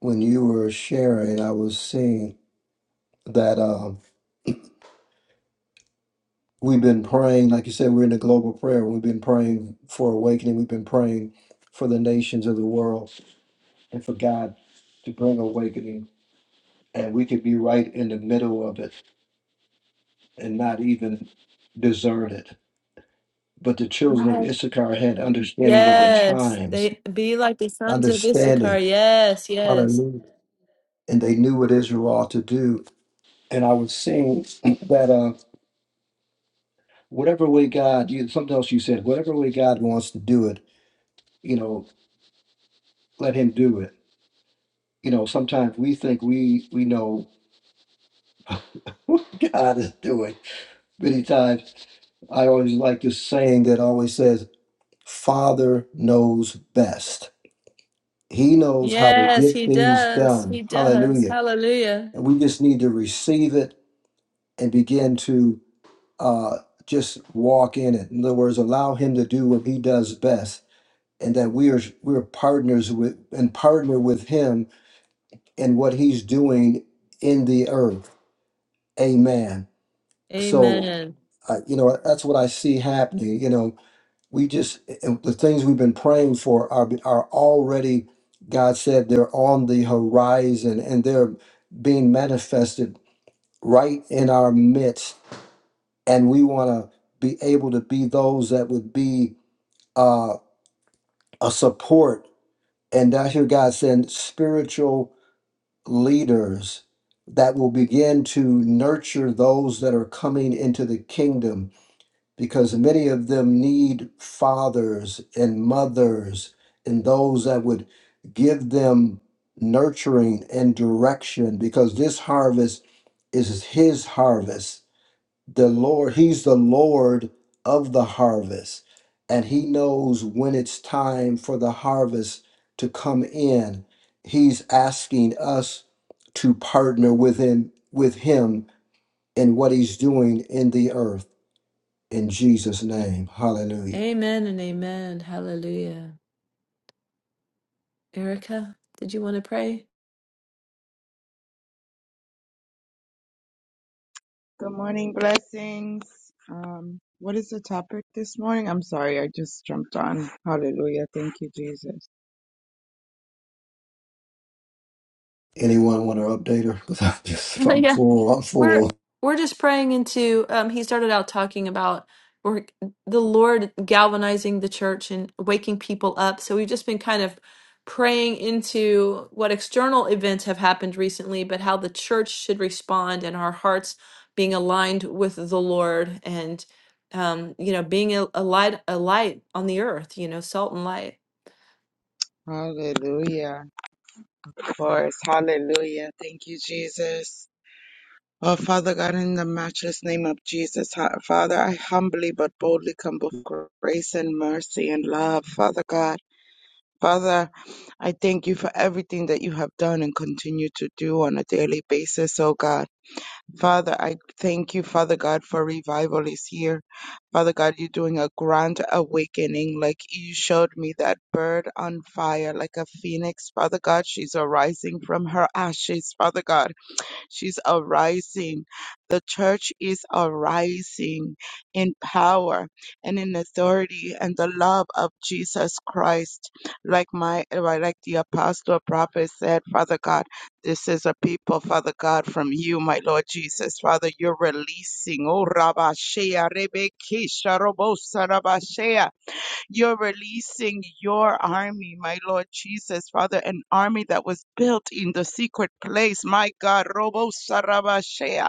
S3: When you were sharing, I was seeing that. um. We've been praying, like you said, we're in a global prayer. We've been praying for awakening. We've been praying for the nations of the world and for God to bring awakening. And we could be right in the middle of it and not even discern it. But the children of
S2: Right.
S3: Issachar had understanding of the
S2: yes
S3: times,
S2: they be like the sons of issachar
S3: understanding,
S2: yes yes
S3: hallelujah. And they knew what Israel ought to do. And I was seeing (clears throat) that uh, whatever way God, you, something else you said, whatever way God wants to do it, you know, let him do it you know, sometimes we think we we know (laughs) what God is doing. Many times, I always like this saying that always says, "Father knows best. He knows how to
S2: yes
S3: get
S2: he
S3: things
S2: does he
S3: done."
S2: does
S3: Hallelujah!
S2: hallelujah
S3: And we just need to receive it and begin to uh, just walk in it. In other words, allow Him to do what He does best, and that we are we're partners with and partner with Him in what He's doing in the earth. Amen. So,
S2: amen
S3: I, you know, that's what I see happening. You know, we just and the things we've been praying for are are already. God said they're on the horizon and they're being manifested right in our midst, and we want to be able to be those that would be uh, a support. And I hear God saying spiritual leaders that will begin to nurture those that are coming into the kingdom because many of them need fathers and mothers and those that would give them nurturing and direction because this harvest is his harvest the lord he's the lord of the harvest and he knows when it's time for the harvest to come in he's asking us to partner with him with him in what he's doing in the earth in Jesus' name. Hallelujah.
S2: Amen and amen. Hallelujah. Erica, did you want to pray?
S6: Good morning, blessings. Um, what is the topic this morning? I'm sorry, I just jumped on. Hallelujah. Thank you, Jesus.
S3: Anyone want to update her? (laughs) 'Cause I'm just, I'm full. I'm
S2: We're
S3: full.
S2: we're just praying into um he started out talking about we're, the Lord galvanizing the church and waking people up. So we've just been kind of praying into what external events have happened recently, but how the church should respond and our hearts being aligned with the Lord and um you know being a, a light a light on the earth, you know, salt and light.
S6: Hallelujah. Of course. Hallelujah. Thank you, Jesus. Oh, Father God, in the matchless name of Jesus, ha- Father, I humbly but boldly come before grace and mercy and love, Father God. Father, I thank you for everything that you have done and continue to do on a daily basis, oh God. Father, I thank you, Father God, for revival is here. Father God, you're doing a grand awakening. Like you showed me that bird on fire, like a phoenix. Father God, she's arising from her ashes, Father God. She's arising. The church is arising in power and in authority and the love of Jesus Christ. Like my, like like the apostle prophet said, Father God, this is a people, Father God, from you, my Lord Jesus. Father, you're releasing. Oh, Rabashea, Rebekisha, Robosa, Rabashea. You're releasing your army, my Lord Jesus, Father, an army that was built in the secret place. My God, Robo Sarabashea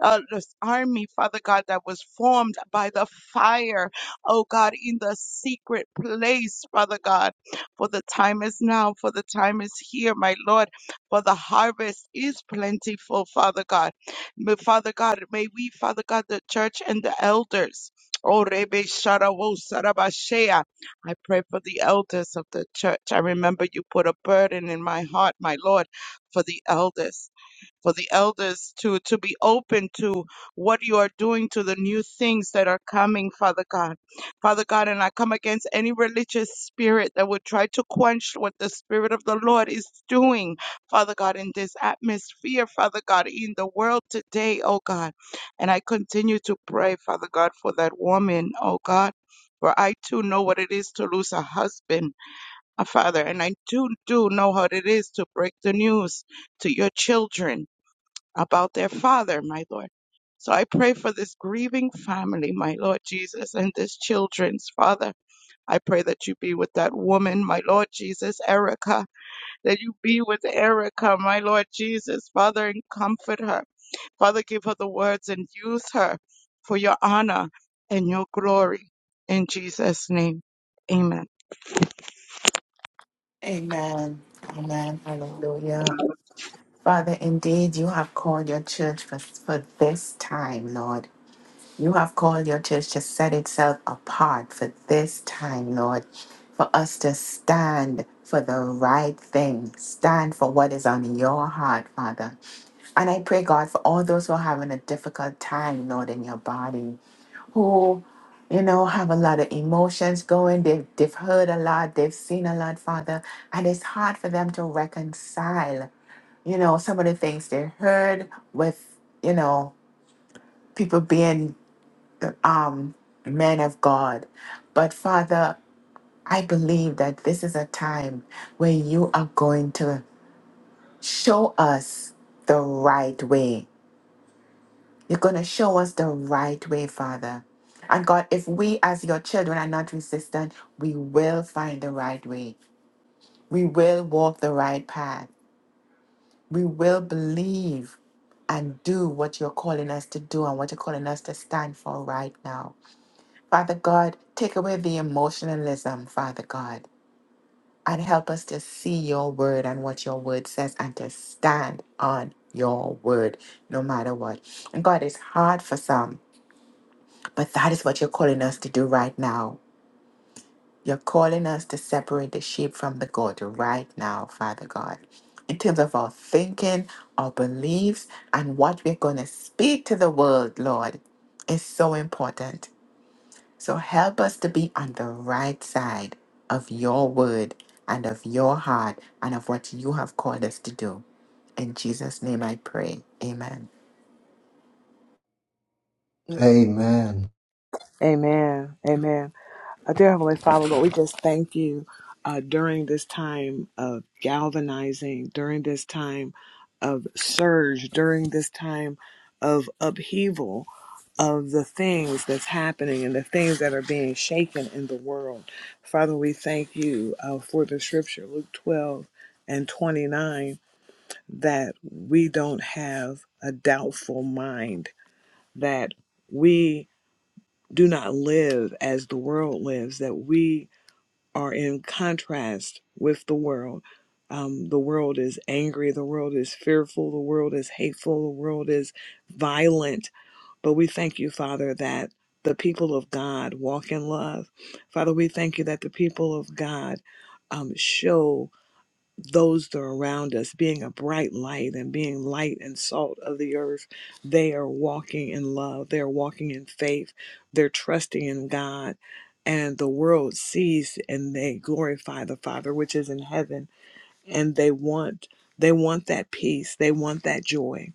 S6: uh, this army, Father God, that was formed by the fire, oh God, in the secret place, Father God. For the time is now, for the time is here, my Lord, for the harvest is plentiful, Father God. But Father God, may we, Father God, the church and the elders, oh Rebe Sharawo Sarabashea, I pray for the elders of the church. I remember you put a burden in my heart, my Lord, for the elders for the elders to to be open to what you are doing to the new things that are coming father god father god and i come against any religious spirit that would try to quench what the spirit of the lord is doing father god in this atmosphere father god in the world today oh god and i continue to pray father god for that woman oh god for I too know what it is to lose a husband, a father, and I too do know how it is to break the news to your children about their father, my Lord. So I pray for this grieving family, my Lord Jesus, and this children's father. I pray that you be with that woman, my Lord Jesus, Erica, that you be with Erica, my Lord Jesus, Father, and comfort her. Father, give her the words and use her for your honor and your glory. In Jesus' name, amen.
S1: Amen. Amen. Hallelujah. Father, indeed, you have called your church for, for this time, Lord. You have called your church to set itself apart for this time, Lord, for us to stand for the right thing, stand for what is on your heart, Father. And I pray, God, for all those who are having a difficult time, Lord, in your body, who, you know, have a lot of emotions going. They've, they've heard a lot, they've seen a lot, Father. And it's hard for them to reconcile, you know, some of the things they heard with, you know, people being um, men of God. But Father, I believe that this is a time where you are going to show us the right way. You're going to show us the right way, Father. And God, if we as your children are not resistant, we will find the right way. We will walk the right path. We will believe and do what you're calling us to do and what you're calling us to stand for right now. Father God, take away the emotionalism, Father God, and help us to see your word and what your word says and to stand on your word no matter what. And God, it's hard for some, but that is what you're calling us to do right now. You're calling us to separate the sheep from the goat right now, Father God. In terms of our thinking, our beliefs, and what we're going to speak to the world, Lord, is so important. So help us to be on the right side of your word and of your heart and of what you have called us to do. In Jesus' name I pray. Amen.
S3: Amen.
S5: Amen. Amen. Uh, Dear Heavenly Father, Lord, we just thank you uh, during this time of galvanizing, during this time of surge, during this time of upheaval of the things that's happening and the things that are being shaken in the world. Father, we thank you uh, for the scripture, Luke 12 and 29, that we don't have a doubtful mind, that we do not live as the world lives, that we are in contrast with the world. Um, the world is angry, the world is fearful, the world is hateful, the world is violent. But we thank you, Father, that the people of God walk in love. Father, we thank you that the people of God um, show those that are around us, being a bright light and being light and salt of the earth. They are walking in love, they're walking in faith, they're trusting in God. And the world sees and they glorify the Father, which is in heaven and they want they want that peace they want that joy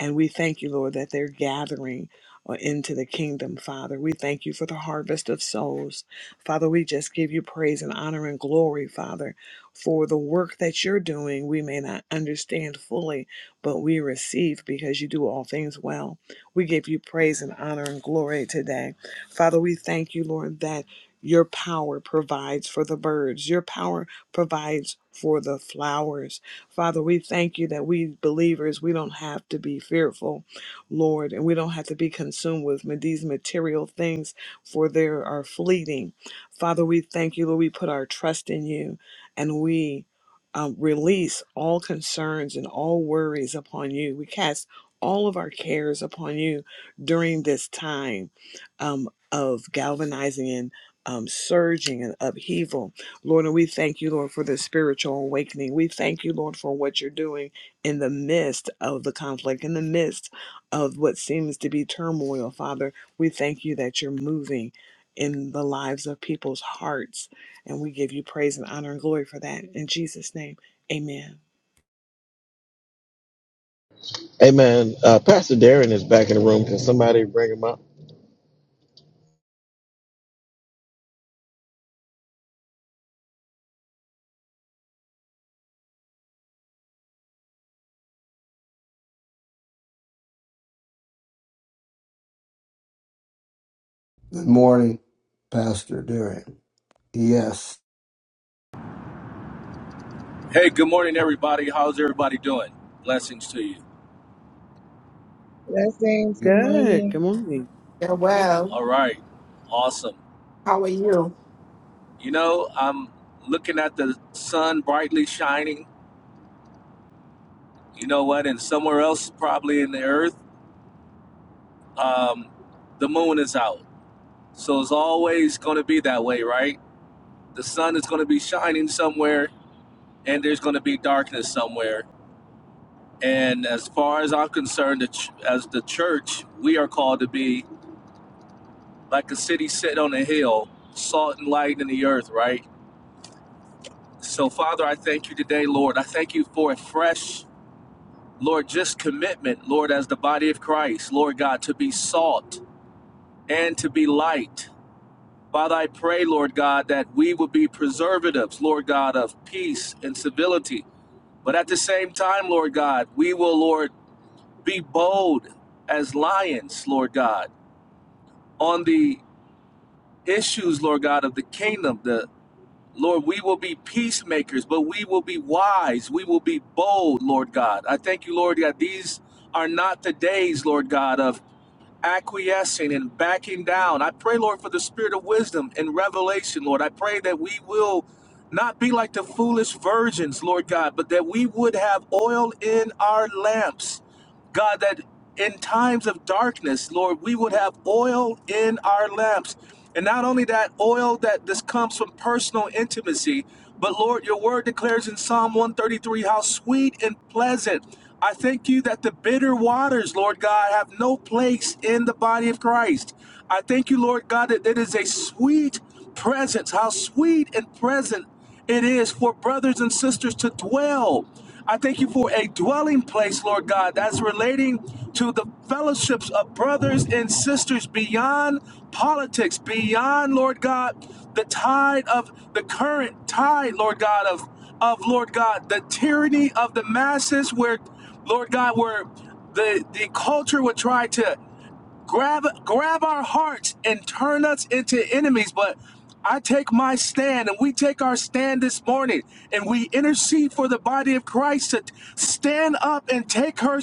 S5: and we thank you lord that they're gathering uh, into the kingdom father we thank you for the harvest of souls father we just give you praise and honor and glory father for the work that you're doing we may not understand fully but we receive because you do all things well we give you praise and honor and glory today father we thank you lord that your power provides for the birds. Your power provides for the flowers. Father, we thank you that we believers, we don't have to be fearful, Lord, and we don't have to be consumed with ma- these material things, for they are fleeting. Father, we thank you, Lord, we put our trust in you and we um, release all concerns and all worries upon you. We cast all of our cares upon you during this time um, of galvanizing and um, surging and upheaval. Lord, and we thank you, Lord, for this spiritual awakening. We thank you, Lord, for what you're doing in the midst of the conflict, in the midst of what seems to be turmoil, Father. We thank you that you're moving in the lives of people's hearts. And we give you praise and honor and glory for that. In Jesus' name, amen.
S4: Amen. Uh, Pastor Darren is back in the room. Can somebody bring him up?
S3: Good morning, Pastor Derek. Yes.
S7: Hey, good morning, everybody. How's everybody doing? Blessings to you.
S6: Blessings. Good
S3: Amen.
S5: Good.
S6: morning.
S5: Good morning.
S1: Yeah, well,
S7: All right. Awesome.
S1: how are you?
S7: You know, I'm looking at the sun brightly shining. You know what? And somewhere else, probably in the earth, um, the moon is out. So it's always going to be that way, right? The sun is going to be shining somewhere, and there's going to be darkness somewhere. And as far as I'm concerned, the ch- as the church, we are called to be like a city set on a hill, salt and light in the earth, right? So, Father, I thank you today, Lord. I thank you for a fresh, Lord, just commitment, Lord, as the body of Christ, Lord God, to be salt and to be light. Father, I pray, Lord God, that we would be preservatives, Lord God, of peace and civility. But at the same time, Lord God, we will, Lord, be bold as lions, Lord God, on the issues, Lord God, of the kingdom, The. Lord, we will be peacemakers, but we will be wise. We will be bold, Lord God. I thank you, Lord God. These are not the days, Lord God, of acquiescing and backing down. I pray, Lord, for the spirit of wisdom and revelation, Lord. I pray that we will not be like the foolish virgins, Lord God, but that we would have oil in our lamps God, that in times of darkness, Lord, we would have oil in our lamps. And not only that, oil that this comes from personal intimacy, but Lord, your word declares in Psalm 133 how sweet and pleasant. I thank you that the bitter waters, Lord God, have no place in the body of Christ. I thank you, Lord God, that it is a sweet presence, how sweet and present it is for brothers and sisters to dwell. I thank you for a dwelling place, Lord God, that's relating to the fellowships of brothers and sisters beyond politics, beyond, Lord God, the tide of the current tide, Lord God, of, of Lord God, the tyranny of the masses, where, Lord God, where the, the culture would try to grab grab our hearts and turn us into enemies but i take my stand and we take our stand this morning and we intercede for the body of christ to stand up and take her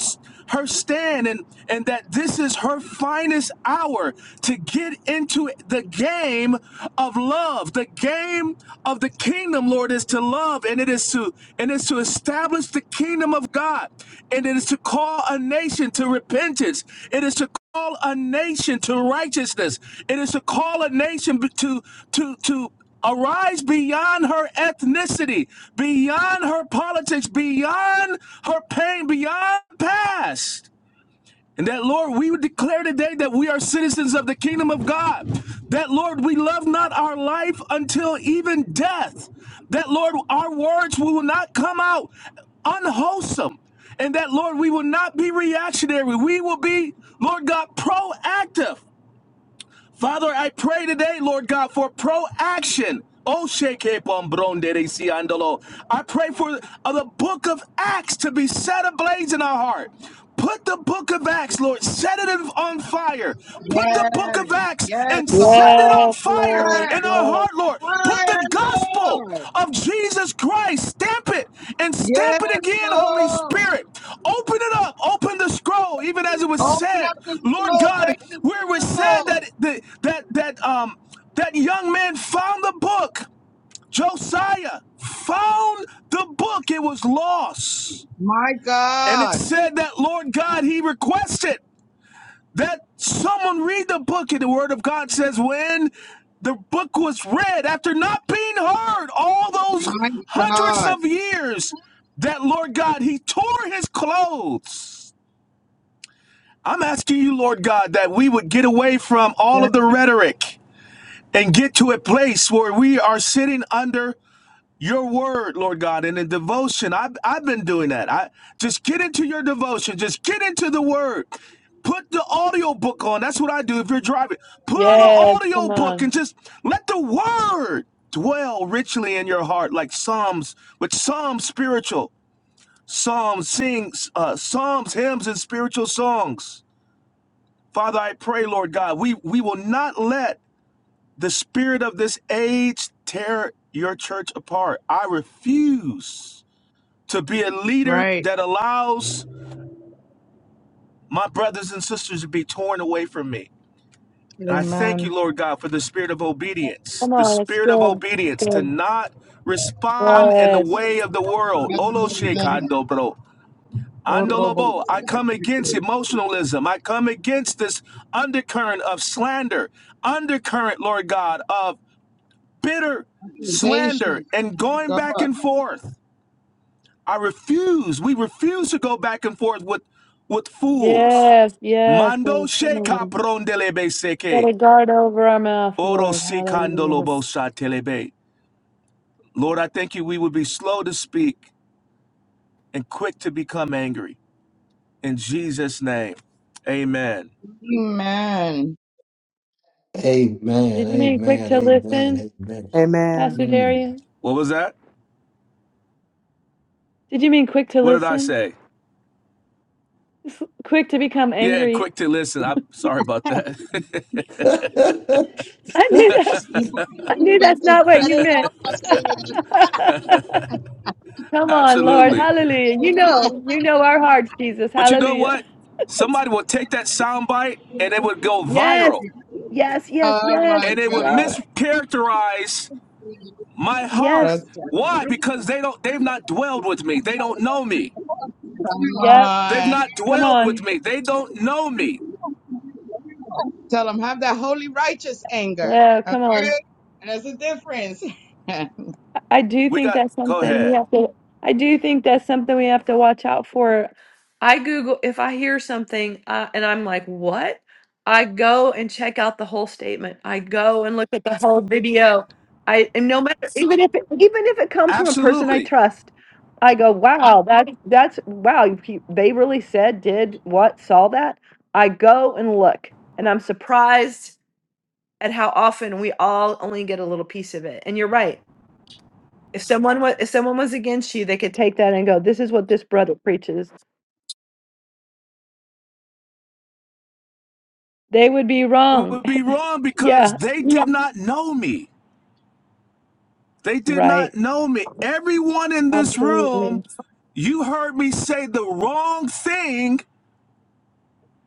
S7: her stand and and that this is her finest hour to get into the game of love the game of the kingdom kingdom, Lord, is to love and it is to and it's to establish the kingdom of God. And it is to call a nation to repentance. It is to call a nation to righteousness. It is to call a nation to to to arise beyond her ethnicity, beyond her politics, beyond her pain, beyond past. And that, Lord, we would declare today that we are citizens of the kingdom of God. That, Lord, we love not our life until even death. That, Lord, our words will not come out unwholesome. And that, Lord, we will not be reactionary. We will be, Lord God, proactive. Father, I pray today, Lord God, for proaction. Oh, sheke I pray for uh, the book of Acts to be set ablaze in our heart. Put the book of Acts, Lord, set it on fire. Put the
S6: Yes.
S7: book of Acts
S6: Yes,
S7: and
S6: Lord.
S7: set it on
S2: Yes,
S7: fire
S6: Fire,
S7: in our
S2: Lord.
S7: heart, Lord. Put
S6: fire,
S7: the gospel
S6: Lord.
S7: of Jesus Christ, stamp it and
S6: Yes,
S7: stamp it again, Holy
S6: Lord.
S7: Spirit. Open it up, open the scroll, even as it was
S6: Open
S7: said,
S6: up the
S7: Lord
S6: seal,
S7: God,
S6: break the
S7: where it was
S6: seal,
S7: said
S6: Lord.
S7: that the that, that um that young man found the book, Josiah found the book, it was lost.
S6: My
S7: And it
S6: God.
S7: said that, Lord God, he requested. That someone read the book, and the word of God says, when the book was read, after not being heard all those
S6: My
S7: hundreds
S6: God.
S7: of years, that Lord God, he tore his clothes. I'm asking you, Lord God, that we would get away from all of the rhetoric and get to a place where we are sitting under your word, Lord God, and in devotion. I've, I've been doing that. I just get into your devotion. Just get into the word. Put the audio book on. That's what I do if you're driving. Put on
S2: Yes,
S7: the audio
S2: come
S7: book and
S2: on.
S7: just let the word dwell richly in your heart, like Psalms, with Psalms spiritual, Psalms sings, uh, Psalms, hymns, and spiritual songs. Father, I pray, Lord God, we, we will not let the spirit of this age tear your church apart. I refuse to be a leader
S6: Right.
S7: that allows my brothers and sisters to be torn away from me. And I thank
S6: Amen.
S7: you, Lord God, for the spirit of obedience,
S2: Come
S7: the
S2: on, it's
S7: spirit of
S2: good. It's
S7: obedience to
S2: Good.
S7: not respond in the
S2: Yes.
S7: way of the world. Olo
S6: Hallelujah.
S7: shekando bro.
S6: Oh, Robo.
S7: Andolobo, I come against emotionalism. I come against this undercurrent of slander, undercurrent, Lord God, of bitter slander
S6: Accusation.
S7: and going
S6: My
S7: back
S6: God.
S7: and forth. I refuse. We refuse to go back and forth with with fools.
S2: Yes, yes,
S7: Mando
S2: Lord. Come
S7: sheka
S2: on.
S7: prondelebe
S2: Set
S7: seke.
S2: a guard over our mouth,
S7: Oro
S2: Lord.
S7: si
S2: Hallelujah.
S7: kandolobo sa telebe. Lord, I thank you we would be slow to speak and quick to become angry. In Jesus' name. Amen.
S6: Amen.
S3: Amen.
S2: Did you mean quick to listen,
S3: Amen. Amen.
S5: Amen.
S2: Pastor
S3: Mm.
S2: Darian?
S7: What was that?
S2: Did you mean quick to
S7: What did I
S2: listen?
S7: say?
S2: Quick to become
S7: Yeah,
S2: angry.
S7: quick to listen. I'm sorry about that. (laughs)
S3: (laughs)
S2: (laughs) I knew that's I knew
S6: But
S2: that's
S6: to
S2: not what
S6: set
S2: you
S6: it
S2: meant.
S6: off up here.
S2: (laughs) Come on, Lord.
S7: Absolutely.
S2: Hallelujah. You
S6: (laughs)
S2: know, you know our hearts, Jesus.
S7: But you know
S2: Hallelujah.
S7: what? Somebody will take that sound bite and it would go
S2: Yes.
S7: viral.
S2: Yes, yes,
S6: Oh
S2: yes,
S6: my
S7: And it would
S6: God.
S2: yes,
S7: mischaracterize my heart.
S2: yes,
S6: That's
S7: Why?
S6: come
S7: Because they don't they've not dwelled with me. They don't know me.
S2: yes.
S7: They've
S6: on.
S7: not
S2: Come
S7: dwelled
S2: on.
S7: with me. They don't know me.
S6: Tell them have that holy righteous anger.
S2: Yeah, come
S6: Okay?
S2: on.
S6: There's a difference.
S2: I do
S7: We
S2: think
S7: got
S2: that's
S7: go
S2: something we
S7: ahead.
S2: have to, I do think that's something we have to watch out for. I Google, if I hear something uh, and I'm like, what? I go and check out the whole statement. I go and look at the whole video. I, and no matter, even if it, even if it comes from a person I
S7: Absolutely.
S2: trust, I go, wow, that's, that's, wow, you- you- they really said, did, what, saw that. I go and look and I'm surprised at how often we all only get a little piece of it. And you're right if someone was if someone was against you, they could take that and go, "This is what this brother preaches." They would be
S7: It
S2: wrong.
S7: would be wrong because
S2: Yeah.
S7: they
S2: Yeah.
S7: did not know me. They did
S2: Right.
S7: not know me. Everyone in this
S2: Absolutely.
S7: room, you heard me say the wrong thing,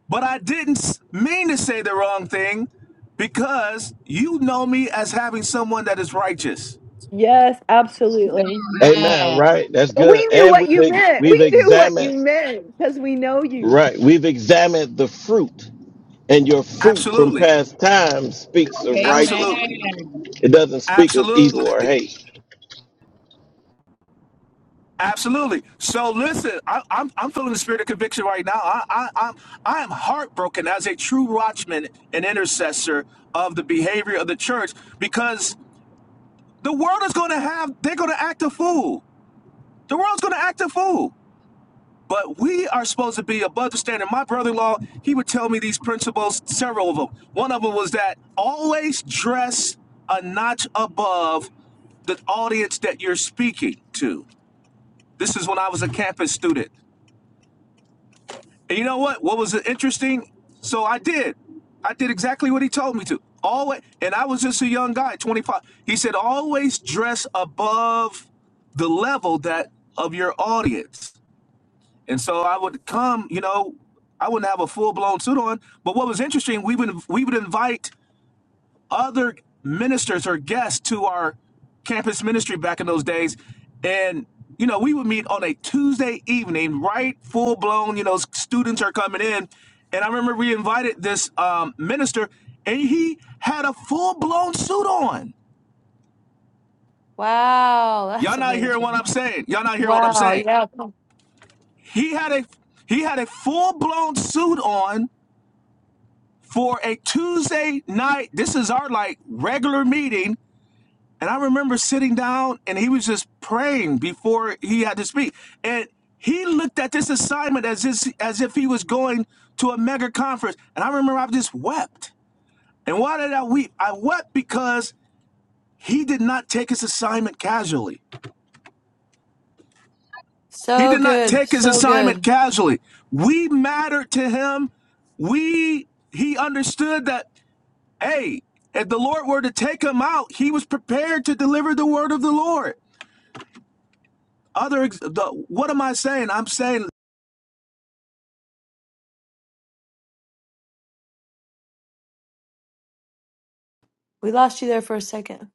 S7: but I didn't mean to say the wrong thing because you know me as having someone that is righteous.
S2: Yes, absolutely.
S6: (laughs)
S4: Amen. Right. That's
S2: But
S4: good.
S2: we knew
S4: And
S2: what
S4: we've,
S2: you
S4: ex-
S2: meant.
S4: we've
S2: We knew what you
S4: examined,
S2: meant because we know you.
S4: right. We've examined the fruit And your fruit from
S7: Absolutely.
S4: past times speaks of
S6: Amen.
S7: Absolutely.
S4: righteousness. It doesn't speak of evil or
S7: Absolutely,
S4: hate.
S7: absolutely. So listen, I, I'm I'm feeling the spirit of conviction right now. I, I I'm I am heartbroken as a true watchman and intercessor of the behavior of the church because the world is going to have they're going to act a fool. The world's going to act a fool. But we are supposed to be above the standard. My brother-in-law, he would tell me these principles, several of them. One of them was that always dress a notch above the audience that you're speaking to. This is when I was a campus student. And you know what? What was interesting? So I did. I did exactly what he told me to. Always, and I was just a young guy, 25. He said, always dress above the level that of your audience. And so I would come, you know, I wouldn't have a full blown suit on. But what was interesting, we would we would invite other ministers or guests to our campus ministry back in those days. And, you know, we would meet on a Tuesday evening, right? Full blown, you know, students are coming in. And I remember we invited this um, minister, and he had a full blown suit on.
S2: Wow, that's
S7: Y'all not hearing what
S2: amazing.
S7: I'm saying. Y'all not hearing what I'm
S2: Wow,
S7: saying.
S2: yeah.
S7: He had a he had a full blown suit on for a Tuesday night. This is our like regular meeting And I remember sitting down and he was just praying before he had to speak. And he looked at this assignment as if, as if he was going to a mega conference. And I remember I just wept. And why did I weep? I wept because he did not take his assignment casually. He
S2: So
S7: did not
S2: good.
S7: take his
S2: So
S7: assignment
S2: good.
S7: casually. We mattered to him. We he understood that hey, if the Lord were to take him out, he was prepared to deliver the word of the Lord. Other, ex- the, what am I saying? I'm saying
S2: We lost you there for a second.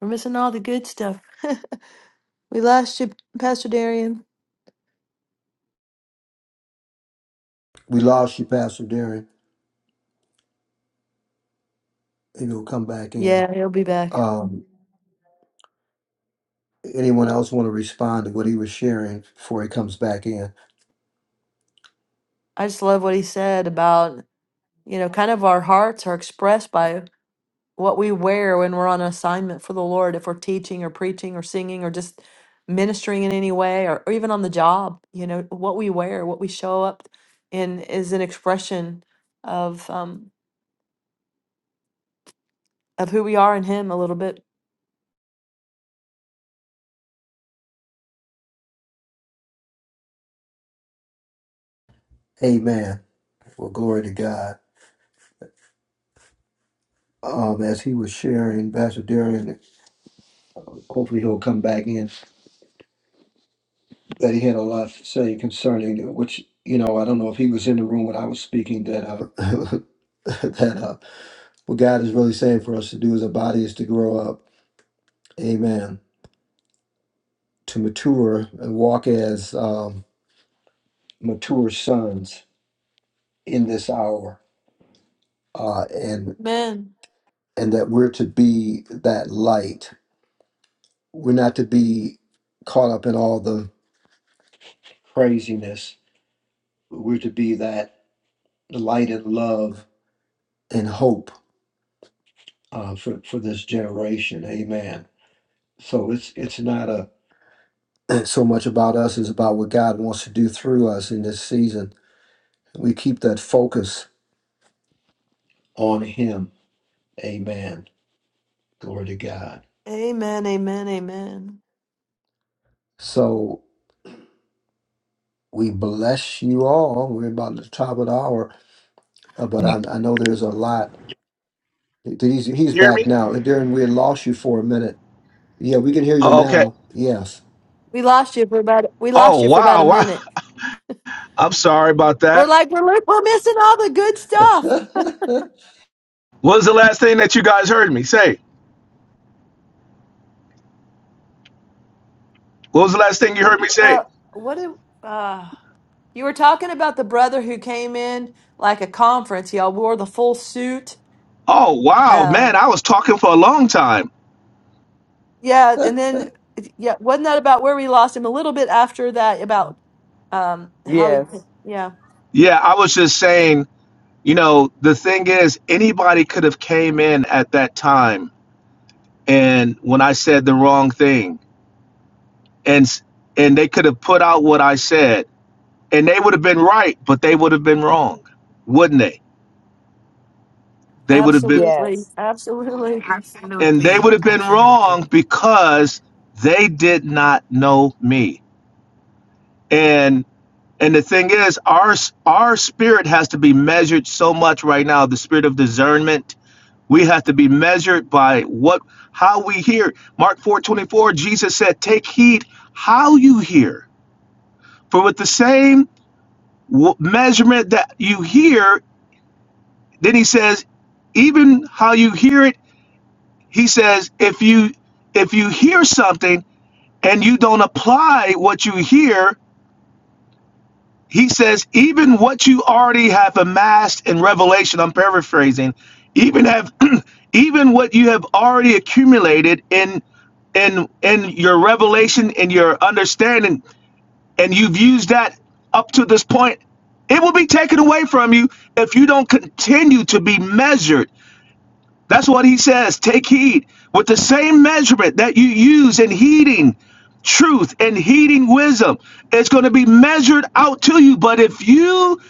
S2: We're missing all the good stuff. (laughs) we lost you, Pastor Darian.
S3: we lost you, Pastor Derek. Maybe will come back in.
S2: Yeah, he'll be back.
S3: Um, anyone else want to respond to what he was sharing before he comes back in?
S2: I just love what he said about you know, kind of our hearts are expressed by what we wear when we're on assignment for the Lord, if we're teaching or preaching or singing or just ministering in any way or, or even on the job, you know, what we wear, what we show up in is an expression of um of who we are in him a little bit.
S3: Amen. Well, glory to God. Um, as he was sharing, Pastor Darian Hopefully he'll come back in. But he had a lot to say concerning which you know I don't know if he was in the room when I was speaking that uh, (laughs) that uh, what God is really saying for us to do as a body is to grow up, Amen, to mature and walk as um, mature sons in this hour, uh, and
S2: Amen.
S3: and that we're to be that light. We're not to be caught up in all the craziness. We're to be that light and love and hope uh, for for this generation. Amen. So it's it's not a (clears throat) it's so much about us; it's about what God wants to do through us in this season. We keep that focus on Him. Amen. Glory to God.
S2: Amen. Amen. Amen.
S3: So we bless you all. We're about at the top of the hour, uh, but I, I know there's a lot. He's he's
S7: You hear
S3: back
S7: me?
S3: now. Darren, we had lost you for a minute. Yeah, we can hear you
S7: Oh, Okay.
S3: now. Yes,
S2: We lost you for about we lost
S7: Oh,
S2: you for about a
S7: wow. Wow.
S2: minute.
S7: (laughs) I'm sorry about
S2: We're
S7: that.
S2: like we're li- we're missing all the good
S3: (laughs)
S2: stuff.
S3: for
S7: What was the last thing that you guys heard me say? What was the last thing you heard me say?
S2: Uh what do uh You were talking about the brother who came in like a conference. Y'all wore the full suit.
S7: Oh, wow, man.
S2: Um,
S7: I was talking for a long time.
S2: yeah, and then yeah, wasn't that about where we lost him a little bit after that about um how he?
S5: Yes.
S2: Yeah,
S7: Yeah, I was just saying, you know, the thing is anybody could have came in at that time and when I said the wrong thing and s- and they could have put out what I said and they would have been right, but they would have been wrong, wouldn't they? They would have been
S2: absolutely,
S5: Yes.
S2: absolutely.
S7: And they
S1: Absolutely.
S7: would have been wrong
S1: Absolutely.
S7: because they did not know me. And and the thing is, our our spirit has to be measured so much right now. The spirit of discernment. We have to be measured by what how we hear. Mark four twenty four. Jesus said, "Take heed how you hear, for with the same w- measurement that you hear, then he says, even how you hear it, he says, if you if you hear something." and you don't apply what you hear, he says, even what you already have amassed in revelation, I'm paraphrasing, even have (clears throat) even what you have already accumulated in in in your revelation and your understanding, and you've used that up to this point, it will be taken away from you if you don't continue to be measured that's what he says. Take heed with the same measurement that you use in heeding truth and heeding wisdom. It's going to be measured out to you. But if you,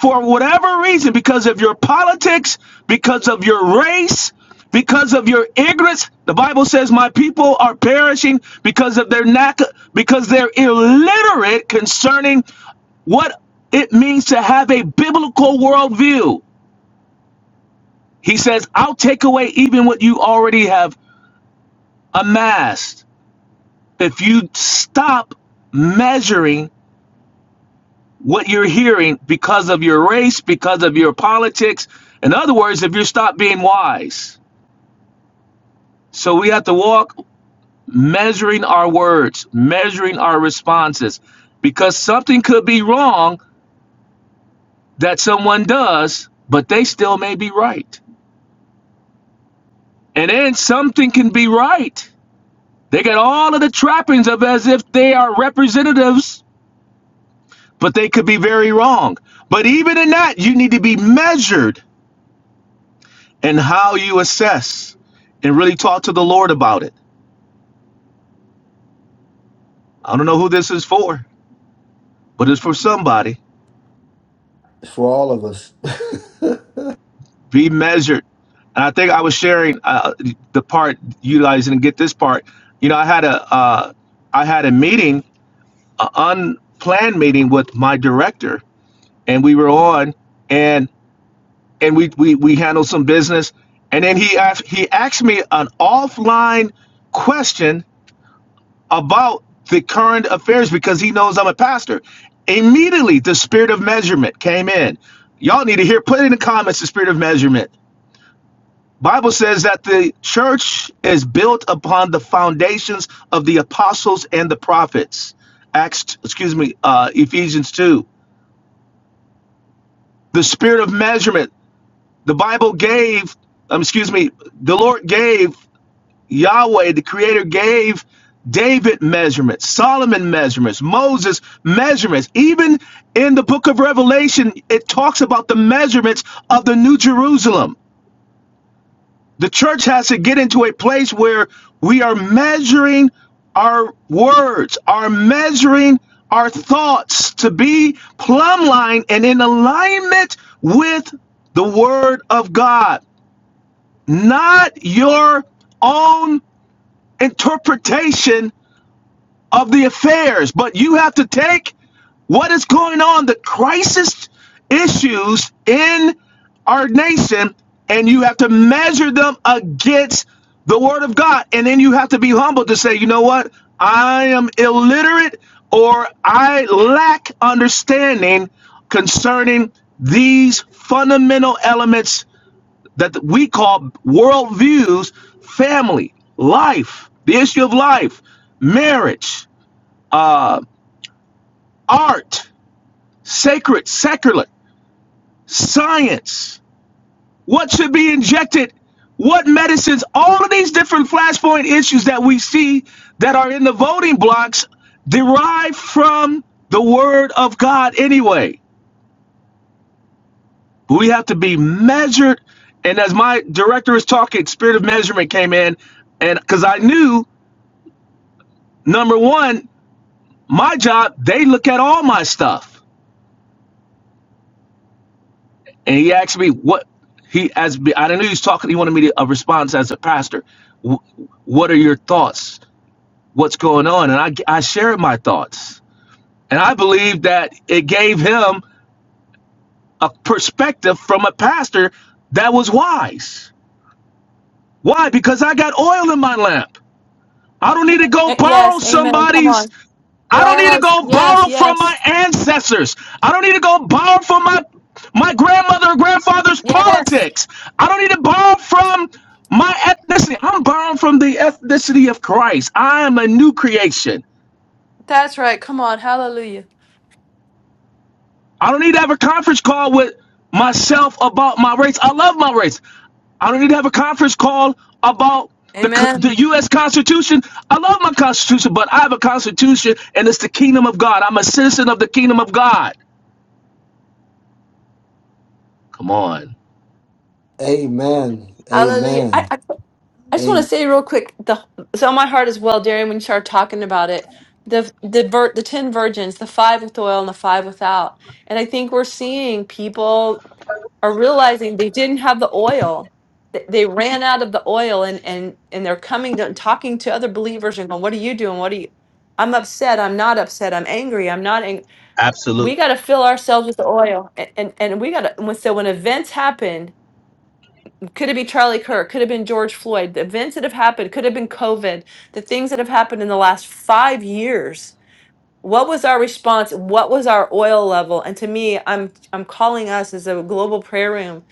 S7: for whatever reason, because of your politics, because of your race, because of your ignorance, the Bible says, "My people are perishing because of their lack, because they're illiterate concerning what it means to have a biblical worldview." He says, I'll take away even what you already have amassed if you stop measuring what you're hearing because of your race, because of your politics. In other words, if you stop being wise. So we have to walk measuring our words, measuring our responses, because something could be wrong that someone does, but they still may be right. And then something can be right. They got all of the trappings of as if they are representatives but they could be very wrong. But even in that, you need to be measured in how you assess and really talk to the Lord about it. I don't know who this is for, but it's for somebody.
S3: all of us.
S7: Be measured. And I think I was sharing uh, the part utilizing and get this part. You know, I had a uh, I had a meeting, an unplanned meeting with my director, and we were on, and and we we, we handled some business, and then he asked he asked me an offline question about the current affairs because he knows I'm a pastor. Immediately, the spirit of measurement came in. Y'all need to hear, put in the comments the spirit of measurement. Bible says that the church is built upon the foundations of the apostles and the prophets. Acts, excuse me, uh, Ephesians 2. The spirit of measurement. The Bible gave, um, excuse me, the Lord gave Yahweh, the creator, gave David measurements, Solomon measurements, Moses measurements. Even in the book of Revelation, it talks about the measurements of the New Jerusalem. The church has to get into a place where we are measuring our words, are measuring our thoughts to be plumb line and in alignment with the word of God, not your own interpretation of the affairs, but you have to take what is going on, the crisis issues in our nation, and you have to measure them against the Word of God. And then you have to be humble to say, you know what? I am illiterate or I lack understanding concerning these fundamental elements that we call worldviews family, life, the issue of life, marriage uh, art, sacred, secular, science, what should be injected, what medicines, all of these different flashpoint issues that we see that are in the voting blocks derive from the word of God anyway. But we have to be measured. And as my director is talking, spirit of measurement came in. And because I knew, number one, my job, they look at all my stuff. and he asked me what he as I didn't know he was talking. He wanted me to a response as a pastor. Wh- What are your thoughts? What's going on? And I I shared my thoughts, and I believe that it gave him a perspective from a pastor that was wise. Why? Because I got oil in my lamp. I don't need to go
S2: Uh,
S7: borrow
S2: Yes, amen. Come on.
S7: somebody's. I don't need to
S2: Yes,
S7: go
S2: yes,
S7: borrow from
S2: yes,
S7: my ancestors. I don't need to go borrow from my my grandmother or grandfather's
S2: yes.
S7: politics. I don't need to borrow from my ethnicity. I'm borrowing from the ethnicity of Christ. I am a new creation.
S2: That's right. Come on. Hallelujah.
S7: I don't need to have a conference call with myself about my race. I love my race. I don't need to have a conference call about the
S2: Amen.
S7: the U.S. Constitution. I love my Constitution, but I have a Constitution, and it's the kingdom of God. I'm a citizen of the kingdom of God. Come on,
S3: (laughs) Amen.
S2: Hallelujah.
S3: Amen.
S2: I, I- I just want to
S3: Amen.
S2: say real quick, the so my heart as well, Darian, when you started talking about it, the the vir, the ten virgins, the five with oil and the five without, and I think we're seeing people are realizing they didn't have the oil. They they ran out of the oil, and and and they're coming to talking to other believers and going, "What are you doing? What are you?" I'm upset. I'm not upset. I'm angry. I'm not angry.
S7: Absolute,
S2: We got to fill ourselves with the oil, and and, and we got to. So when events happen, could have been Charlie Kirk, could have been George Floyd, the events that have happened, could have been COVID, the things that have happened in the last five years what was our response what was our oil level and to me i'm i'm calling us as a global prayer room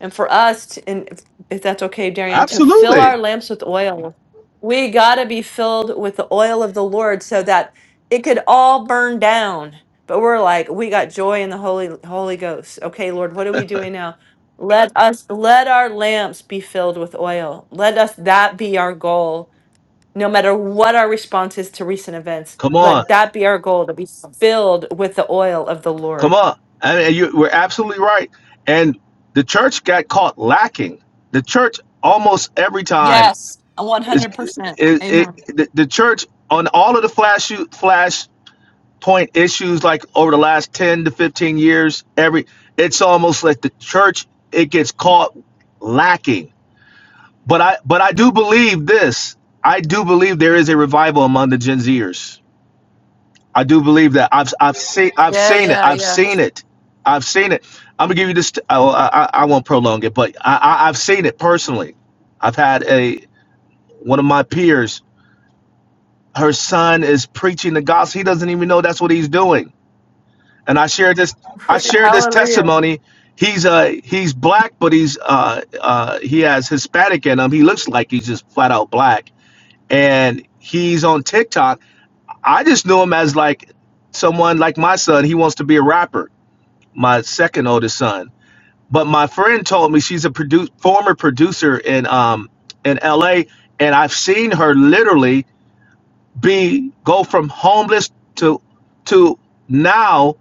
S2: and for us to, and if, if that's okay darian to fill
S7: absolutely.
S2: our lamps with oil we gotta be filled with the oil of the lord so that it could all burn down but we're like we got joy in the holy holy ghost okay lord what are we doing now let us let our lamps be filled with oil let us that be our goal no matter what our response is to recent events,
S7: Come on,
S2: let that be our goal to be filled with the oil of the
S7: come
S2: Lord.
S7: on. I mean, you, we're absolutely right. And the church got caught lacking. The church almost every time.
S2: Yes,
S7: It's,
S2: 100%.
S7: it, it,
S2: Amen.
S7: the, the church on all of the flash shoot, flash point issues like over the last 10 to 15 years every it's almost like the church it gets caught lacking but i but i do believe this i do believe there is a revival among the gen zers i do believe that i've i've seen i've
S2: Yeah,
S7: seen it
S2: yeah,
S7: i've
S2: yeah.
S7: seen it i've seen it i'm gonna give you this i i, I won't prolong it but I, I i've seen it personally i've had a one of my peers her son is preaching the gospel. He doesn't even know that's what he's doing. And I shared this. I shared this
S2: Hallelujah.
S7: testimony. He's uh he's black, but he's uh uh he has Hispanic in him. He looks like he's just flat out black. And he's on TikTok. I just knew him as like someone like my son. He wants to be a rapper. My second oldest son. But my friend told me she's a produ- former producer in um in L.A. And I've seen her literally be go from homeless to to now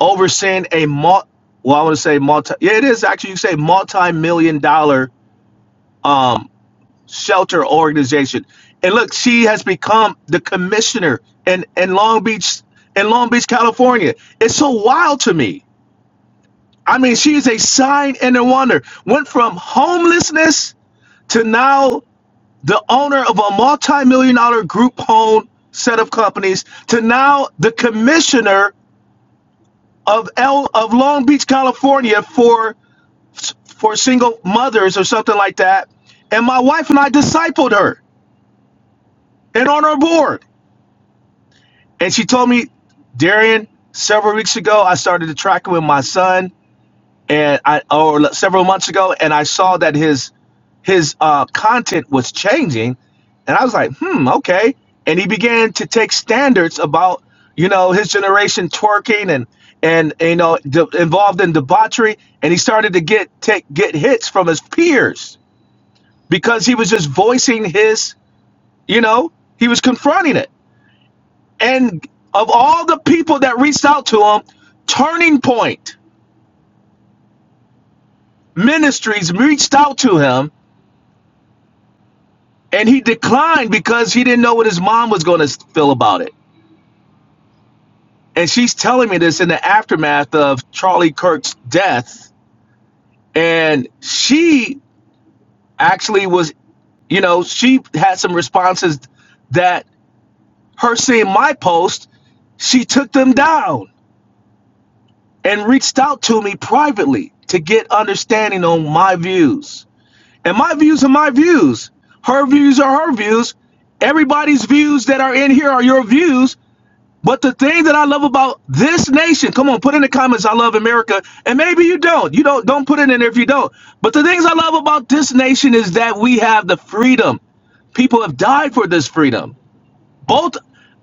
S7: overseeing a mul well I want to say multi yeah it is actually you say multi million dollar um shelter organization and look she has become the commissioner in in Long Beach in Long Beach California it's so wild to me I mean she is a sign and a wonder went from homelessness to now the owner of a multi-million dollar group owned set of companies to now the commissioner of L of Long Beach, California for for single mothers or something like that. And my wife and I discipled her and on her board. And she told me, Darian, several weeks ago I started to track it with my son. and I or several months ago, and I saw that his his uh, content was changing, and I was like, hmm, okay. And he began to take standards about you know his generation twerking and and you know de- involved in debauchery, and he started to get take get hits from his peers because he was just voicing his you know he was confronting it. And of all the people that reached out to him, Turning Point Ministries reached out to him and he declined because he didn't know what his mom was going to feel about it. And she's telling me this in the aftermath of Charlie Kirk's death. And she actually was, you know, she had some responses that her seeing my post, she took them down and reached out to me privately to get understanding on my views. And my views are my views. Her views are her views. Everybody's views that are in here are your views. But the thing that I love about this nation, come on, put in the comments, I love America. And maybe you don't. You don't don't put it in there if you don't. But the things I love about this nation is that we have the freedom. People have died for this freedom. Both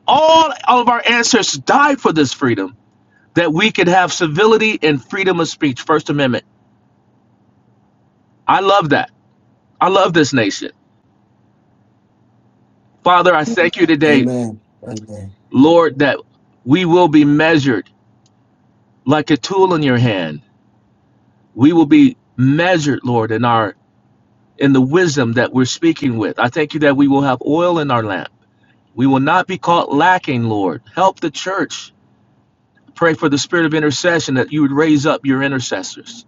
S7: all, all of our ancestors died for this freedom. That we could have civility and freedom of speech, First Amendment. I love that. I love this nation. Father, I thank you today,
S3: Amen. Amen.
S7: Lord, that we will be measured like a tool in your hand. We will be measured, Lord, in our in the wisdom that we're speaking with. I thank you that we will have oil in our lamp. We will not be caught lacking, Lord. Help the church. Pray for the spirit of intercession that you would raise up your intercessors.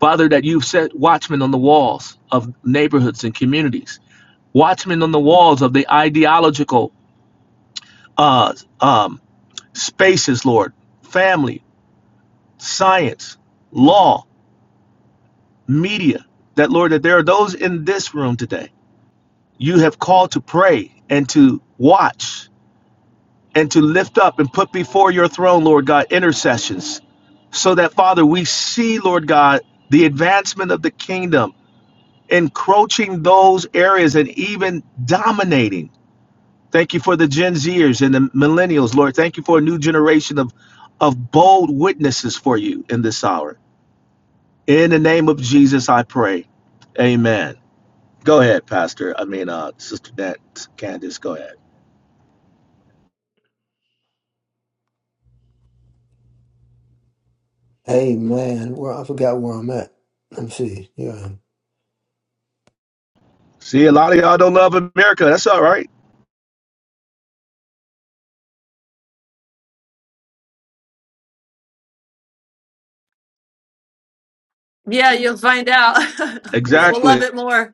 S7: Father, that you've set watchmen on the walls of neighborhoods and communities, watchmen on the walls of the ideological uh, um, spaces, Lord, family, science, law, media. That, Lord, that there are those in this room today you have called to pray and to watch and to lift up and put before your throne, Lord God, intercessions. So that, Father, we see, Lord God, the advancement of the kingdom, encroaching those areas and even dominating. Thank you for the Gen Zers and the millennials, Lord. Thank you for a new generation of, of bold witnesses for you in this hour. In the name of Jesus, I pray. Amen. Go ahead, Pastor. I mean, uh, Sister Nat, Candace, go ahead.
S3: Amen. Well, I forgot where I'm at. Let me see. Yeah.
S7: See, a lot of y'all don't love America. That's all right.
S2: Yeah, you'll find out. (laughs) we'll love
S7: Exactly.
S2: it more.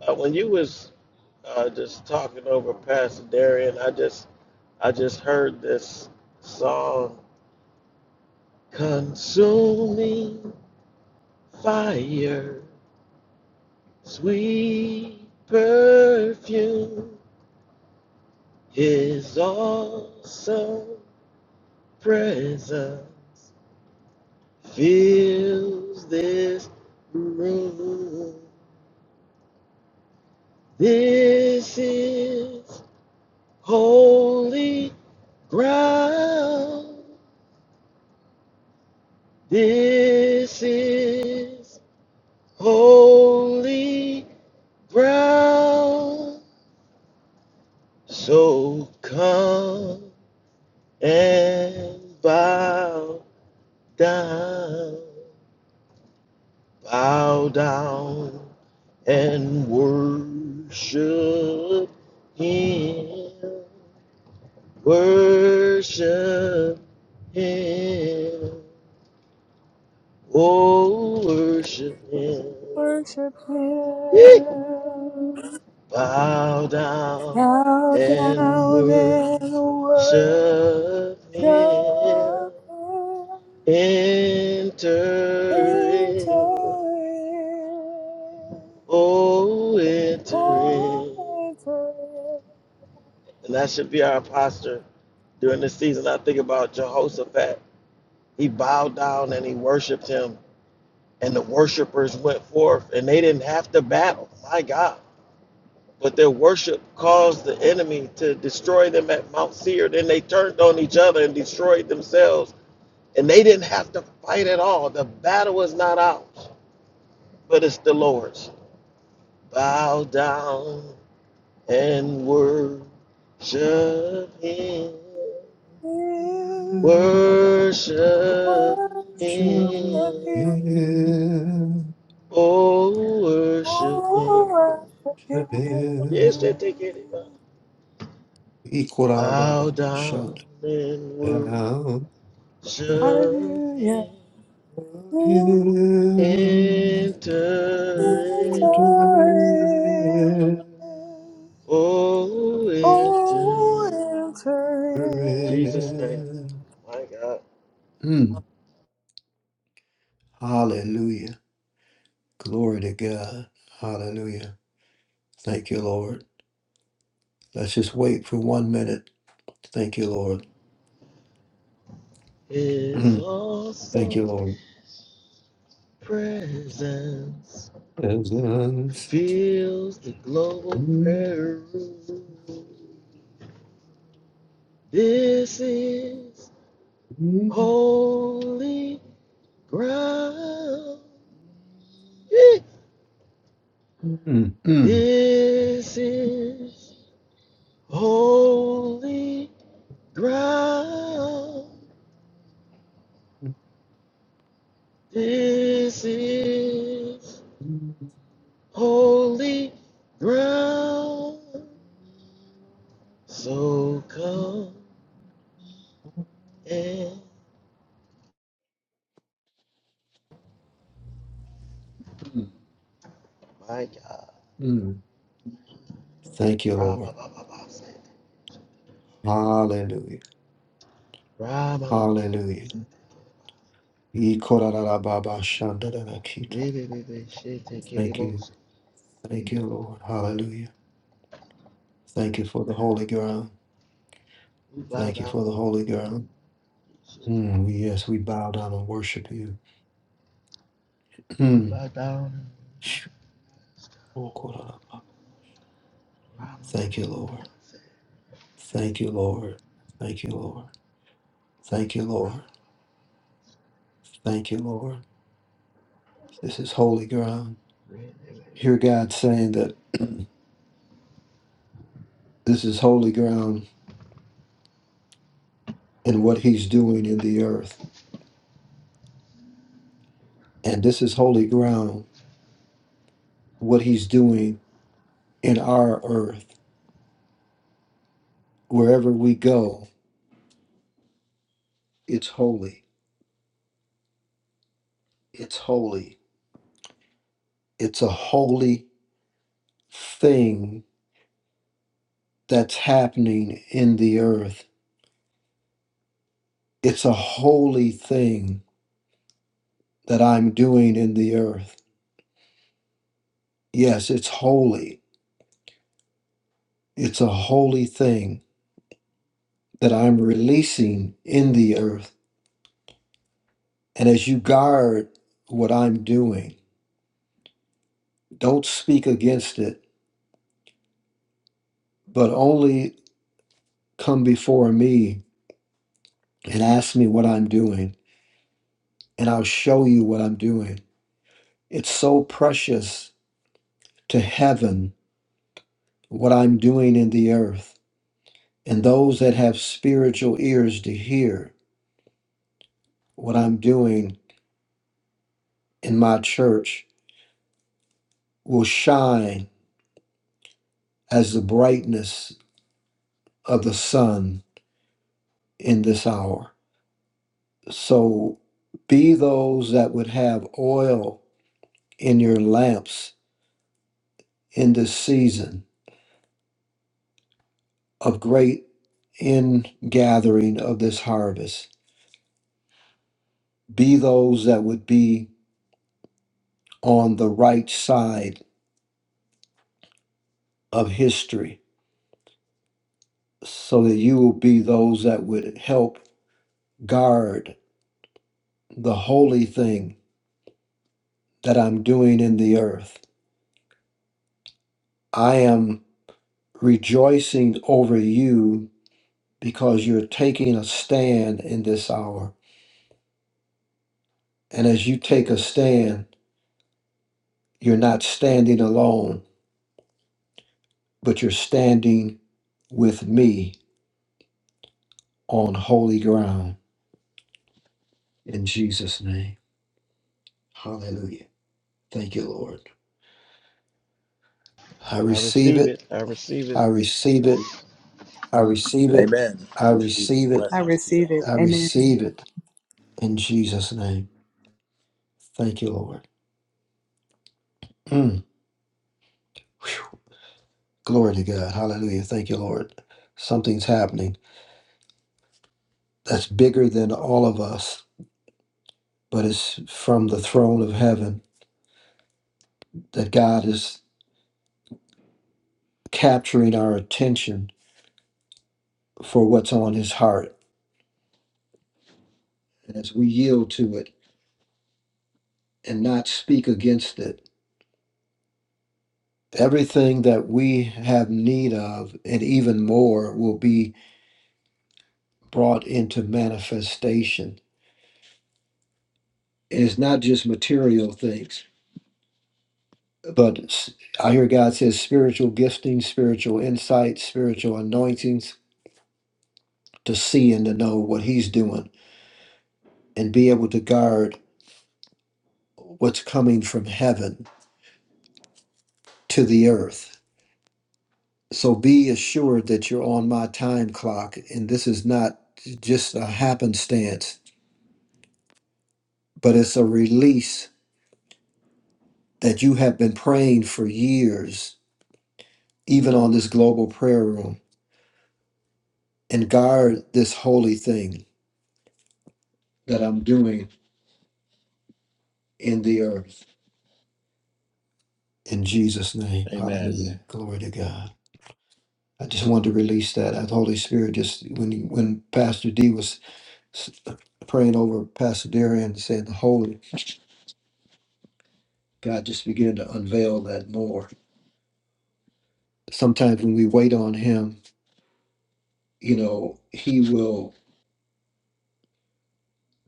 S4: Uh, when you was uh, just talking over Pastor Darian, I just I just heard this song, Consuming Fire, Sweet Perfume, His Awesome Presence fills this room. This is holy ground. This is holy ground. So come and bow down, bow down and worship Him. Worship Him. Oh, worship Him.
S5: Worship
S4: Yee.
S5: Him.
S4: Bow down
S5: Bow
S4: and
S5: down
S4: worship
S5: and worship.
S4: Him.
S5: Come into it, in,
S4: Enter
S5: into
S4: in. Oh, enter in. And that should be our posture during this season. I think about Jehoshaphat. He bowed down and he worshiped him and the worshipers went forth and they didn't have to battle my god but their worship caused the enemy to destroy them at mount seir then they turned on each other and destroyed themselves and they didn't have to fight at all the battle is not ours but it's the lord's bow down and worship him
S5: in, It
S4: worship
S3: Worship
S5: worship
S4: him
S5: Him,
S3: him.
S4: oh worship him
S5: oh, worship
S3: Worship
S4: Yes, they
S3: him.
S4: take anybody.
S5: Him.
S4: Bow down
S3: Ikorabababashad.
S4: and worship
S3: Down
S5: Hallelujah.
S4: him.
S3: of him.
S4: Enter
S3: Enter
S4: in.
S5: Enter
S3: in.
S5: in.
S4: Oh, enter
S5: Oh,
S4: in.
S5: enter
S3: Enter
S4: In Jesus'
S5: in.
S4: name,
S5: time.
S3: in.
S4: my God.
S3: Mm. Hallelujah. Glory to God. Hallelujah. Thank you, Lord. Let's just wait for one minute. Thank you, Lord.
S4: His
S3: (clears throat) Thank you,
S4: awesome
S3: Lord.
S4: presence
S3: As once-
S4: fills the global
S3: Mm,
S4: prayer room. This is
S3: mm,
S4: holy ground. (laughs)
S3: mm, mm,
S4: This is holy ground. This is holy ground. So
S3: mm,
S4: come and
S3: mm. Thank you, Lord. Hallelujah. Hallelujah. Ikorarababashandarakita. Thank you. Thank you, Lord. Hallelujah. Thank you for the holy ground. Thank you for the holy ground. Mm, yes, we bow down and worship you. (clears throat) Oh, Thank you, Lord. Thank you, Lord. Thank you, Lord. Thank you, Lord. Thank you, Lord. This is holy ground. Hear God saying that (clears throat) this is holy ground and what He's doing in the earth. And this is holy ground, what He's doing in our earth. Wherever we go, it's holy. It's holy. It's a holy thing that's happening in the earth. It's a holy thing that I'm doing in the earth. Yes, it's holy. It's a holy thing that I'm releasing in the earth. And as you guard what I'm doing, don't speak against it, but only come before me and ask me what I'm doing, and I'll show you what I'm doing. It's so precious to heaven what I'm doing in the earth. And those that have spiritual ears to hear what I'm doing in my church will shine as the brightness of the sun in this hour. So be those that would have oil in your lamps in this season of great ingathering of this harvest. Be those that would be on the right side of history so that you will be those that would help guard the holy thing that I'm doing in the earth. I am rejoicing over you because you're taking a stand in this hour. And as you take a stand, you're not standing alone, but you're standing with me on holy ground in Jesus' name. Hallelujah. Thank you, Lord. I
S4: I
S3: receive
S4: receive
S3: it.
S4: it. I receive
S3: I
S4: it.
S3: receive it. I receive it. I receive it.
S5: I receive it.
S3: I
S5: Amen.
S3: receive it in Jesus' name. Thank you, Lord. Mm. Glory to God. Hallelujah. Thank you, Lord. Something's happening that's bigger than all of us, but it's from the throne of heaven that God is capturing our attention for what's on his heart. And as we yield to it and not speak against it, everything that we have need of and even more will be brought into manifestation. And it's not just material things but s- I hear God says spiritual gifting, spiritual insight, spiritual anointings to see and to know what He's doing and be able to guard what's coming from heaven to the earth. So be assured that you're on my time clock, and this is not just a happenstance, but it's a release that you have been praying for years, even on this global prayer room, and guard this holy thing that I'm doing in the earth. In Jesus' name, hallelujah, glory to God. I just wanted to release that. I, the Holy Spirit, just when you- when Pastor D was s- uh, praying over Pastor Darian, saying the Holy God, just began to unveil that more. Sometimes when we wait on Him, you know, He will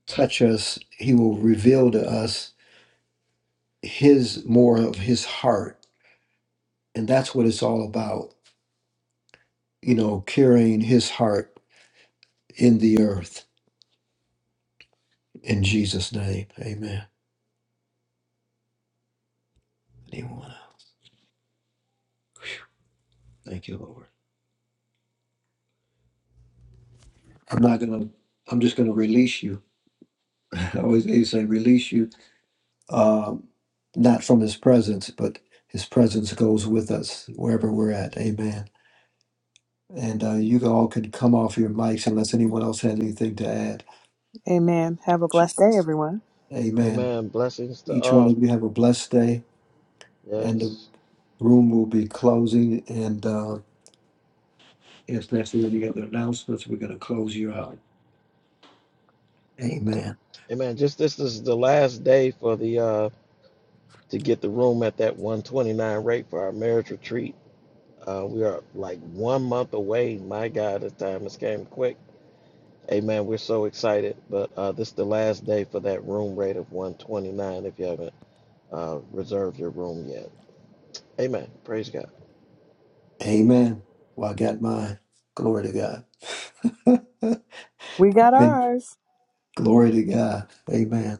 S3: touch us. He will reveal to us His more of His heart, and that's what it's all about. You know, carrying His heart in the earth. In Jesus' name, Amen. Anyone? Thank you, Lord. I'm not gonna. I'm just gonna release you. (laughs) I always they say release you, um, not from His presence, but His presence goes with us wherever we're at. Amen. And uh, you all can come off your mics unless anyone else has anything to add.
S5: Amen. Have a blessed day, everyone.
S3: Amen.
S4: Amen. Blessings to
S3: Each one
S4: all.
S3: of you have a blessed day, and the
S4: Yes.
S3: room will be closing. And uh, if there's any other announcements, we're gonna close you out. Amen.
S4: Amen. Just this is the last day for the uh to get the room at that 129 rate for our marriage retreat. Uh, we are like one month away. My God, this time has came quick. Amen. We're so excited, but uh, this is the last day for that room rate of 129 if you haven't uh, reserved your room yet. Amen. Praise God.
S3: Amen. Well, I got mine. Glory to God. (laughs)
S5: We got
S3: Amen.
S5: ours.
S3: Glory to God. Amen.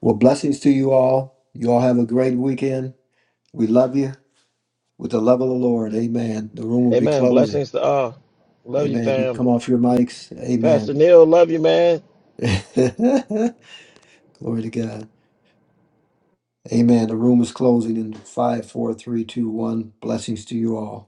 S3: Well, blessings to you all. You all have a great weekend. We love you with the love of the Lord. Amen. The room will be
S4: Amen.
S3: closing.
S4: Blessings to all. Love you,
S3: Amen. You
S4: fam.
S3: come off your mics.
S4: Pastor
S3: Amen.
S4: Neil, love you, man.
S3: (laughs) Glory to God. Amen. The room is closing in five, four, three, two, one. Blessings to you all.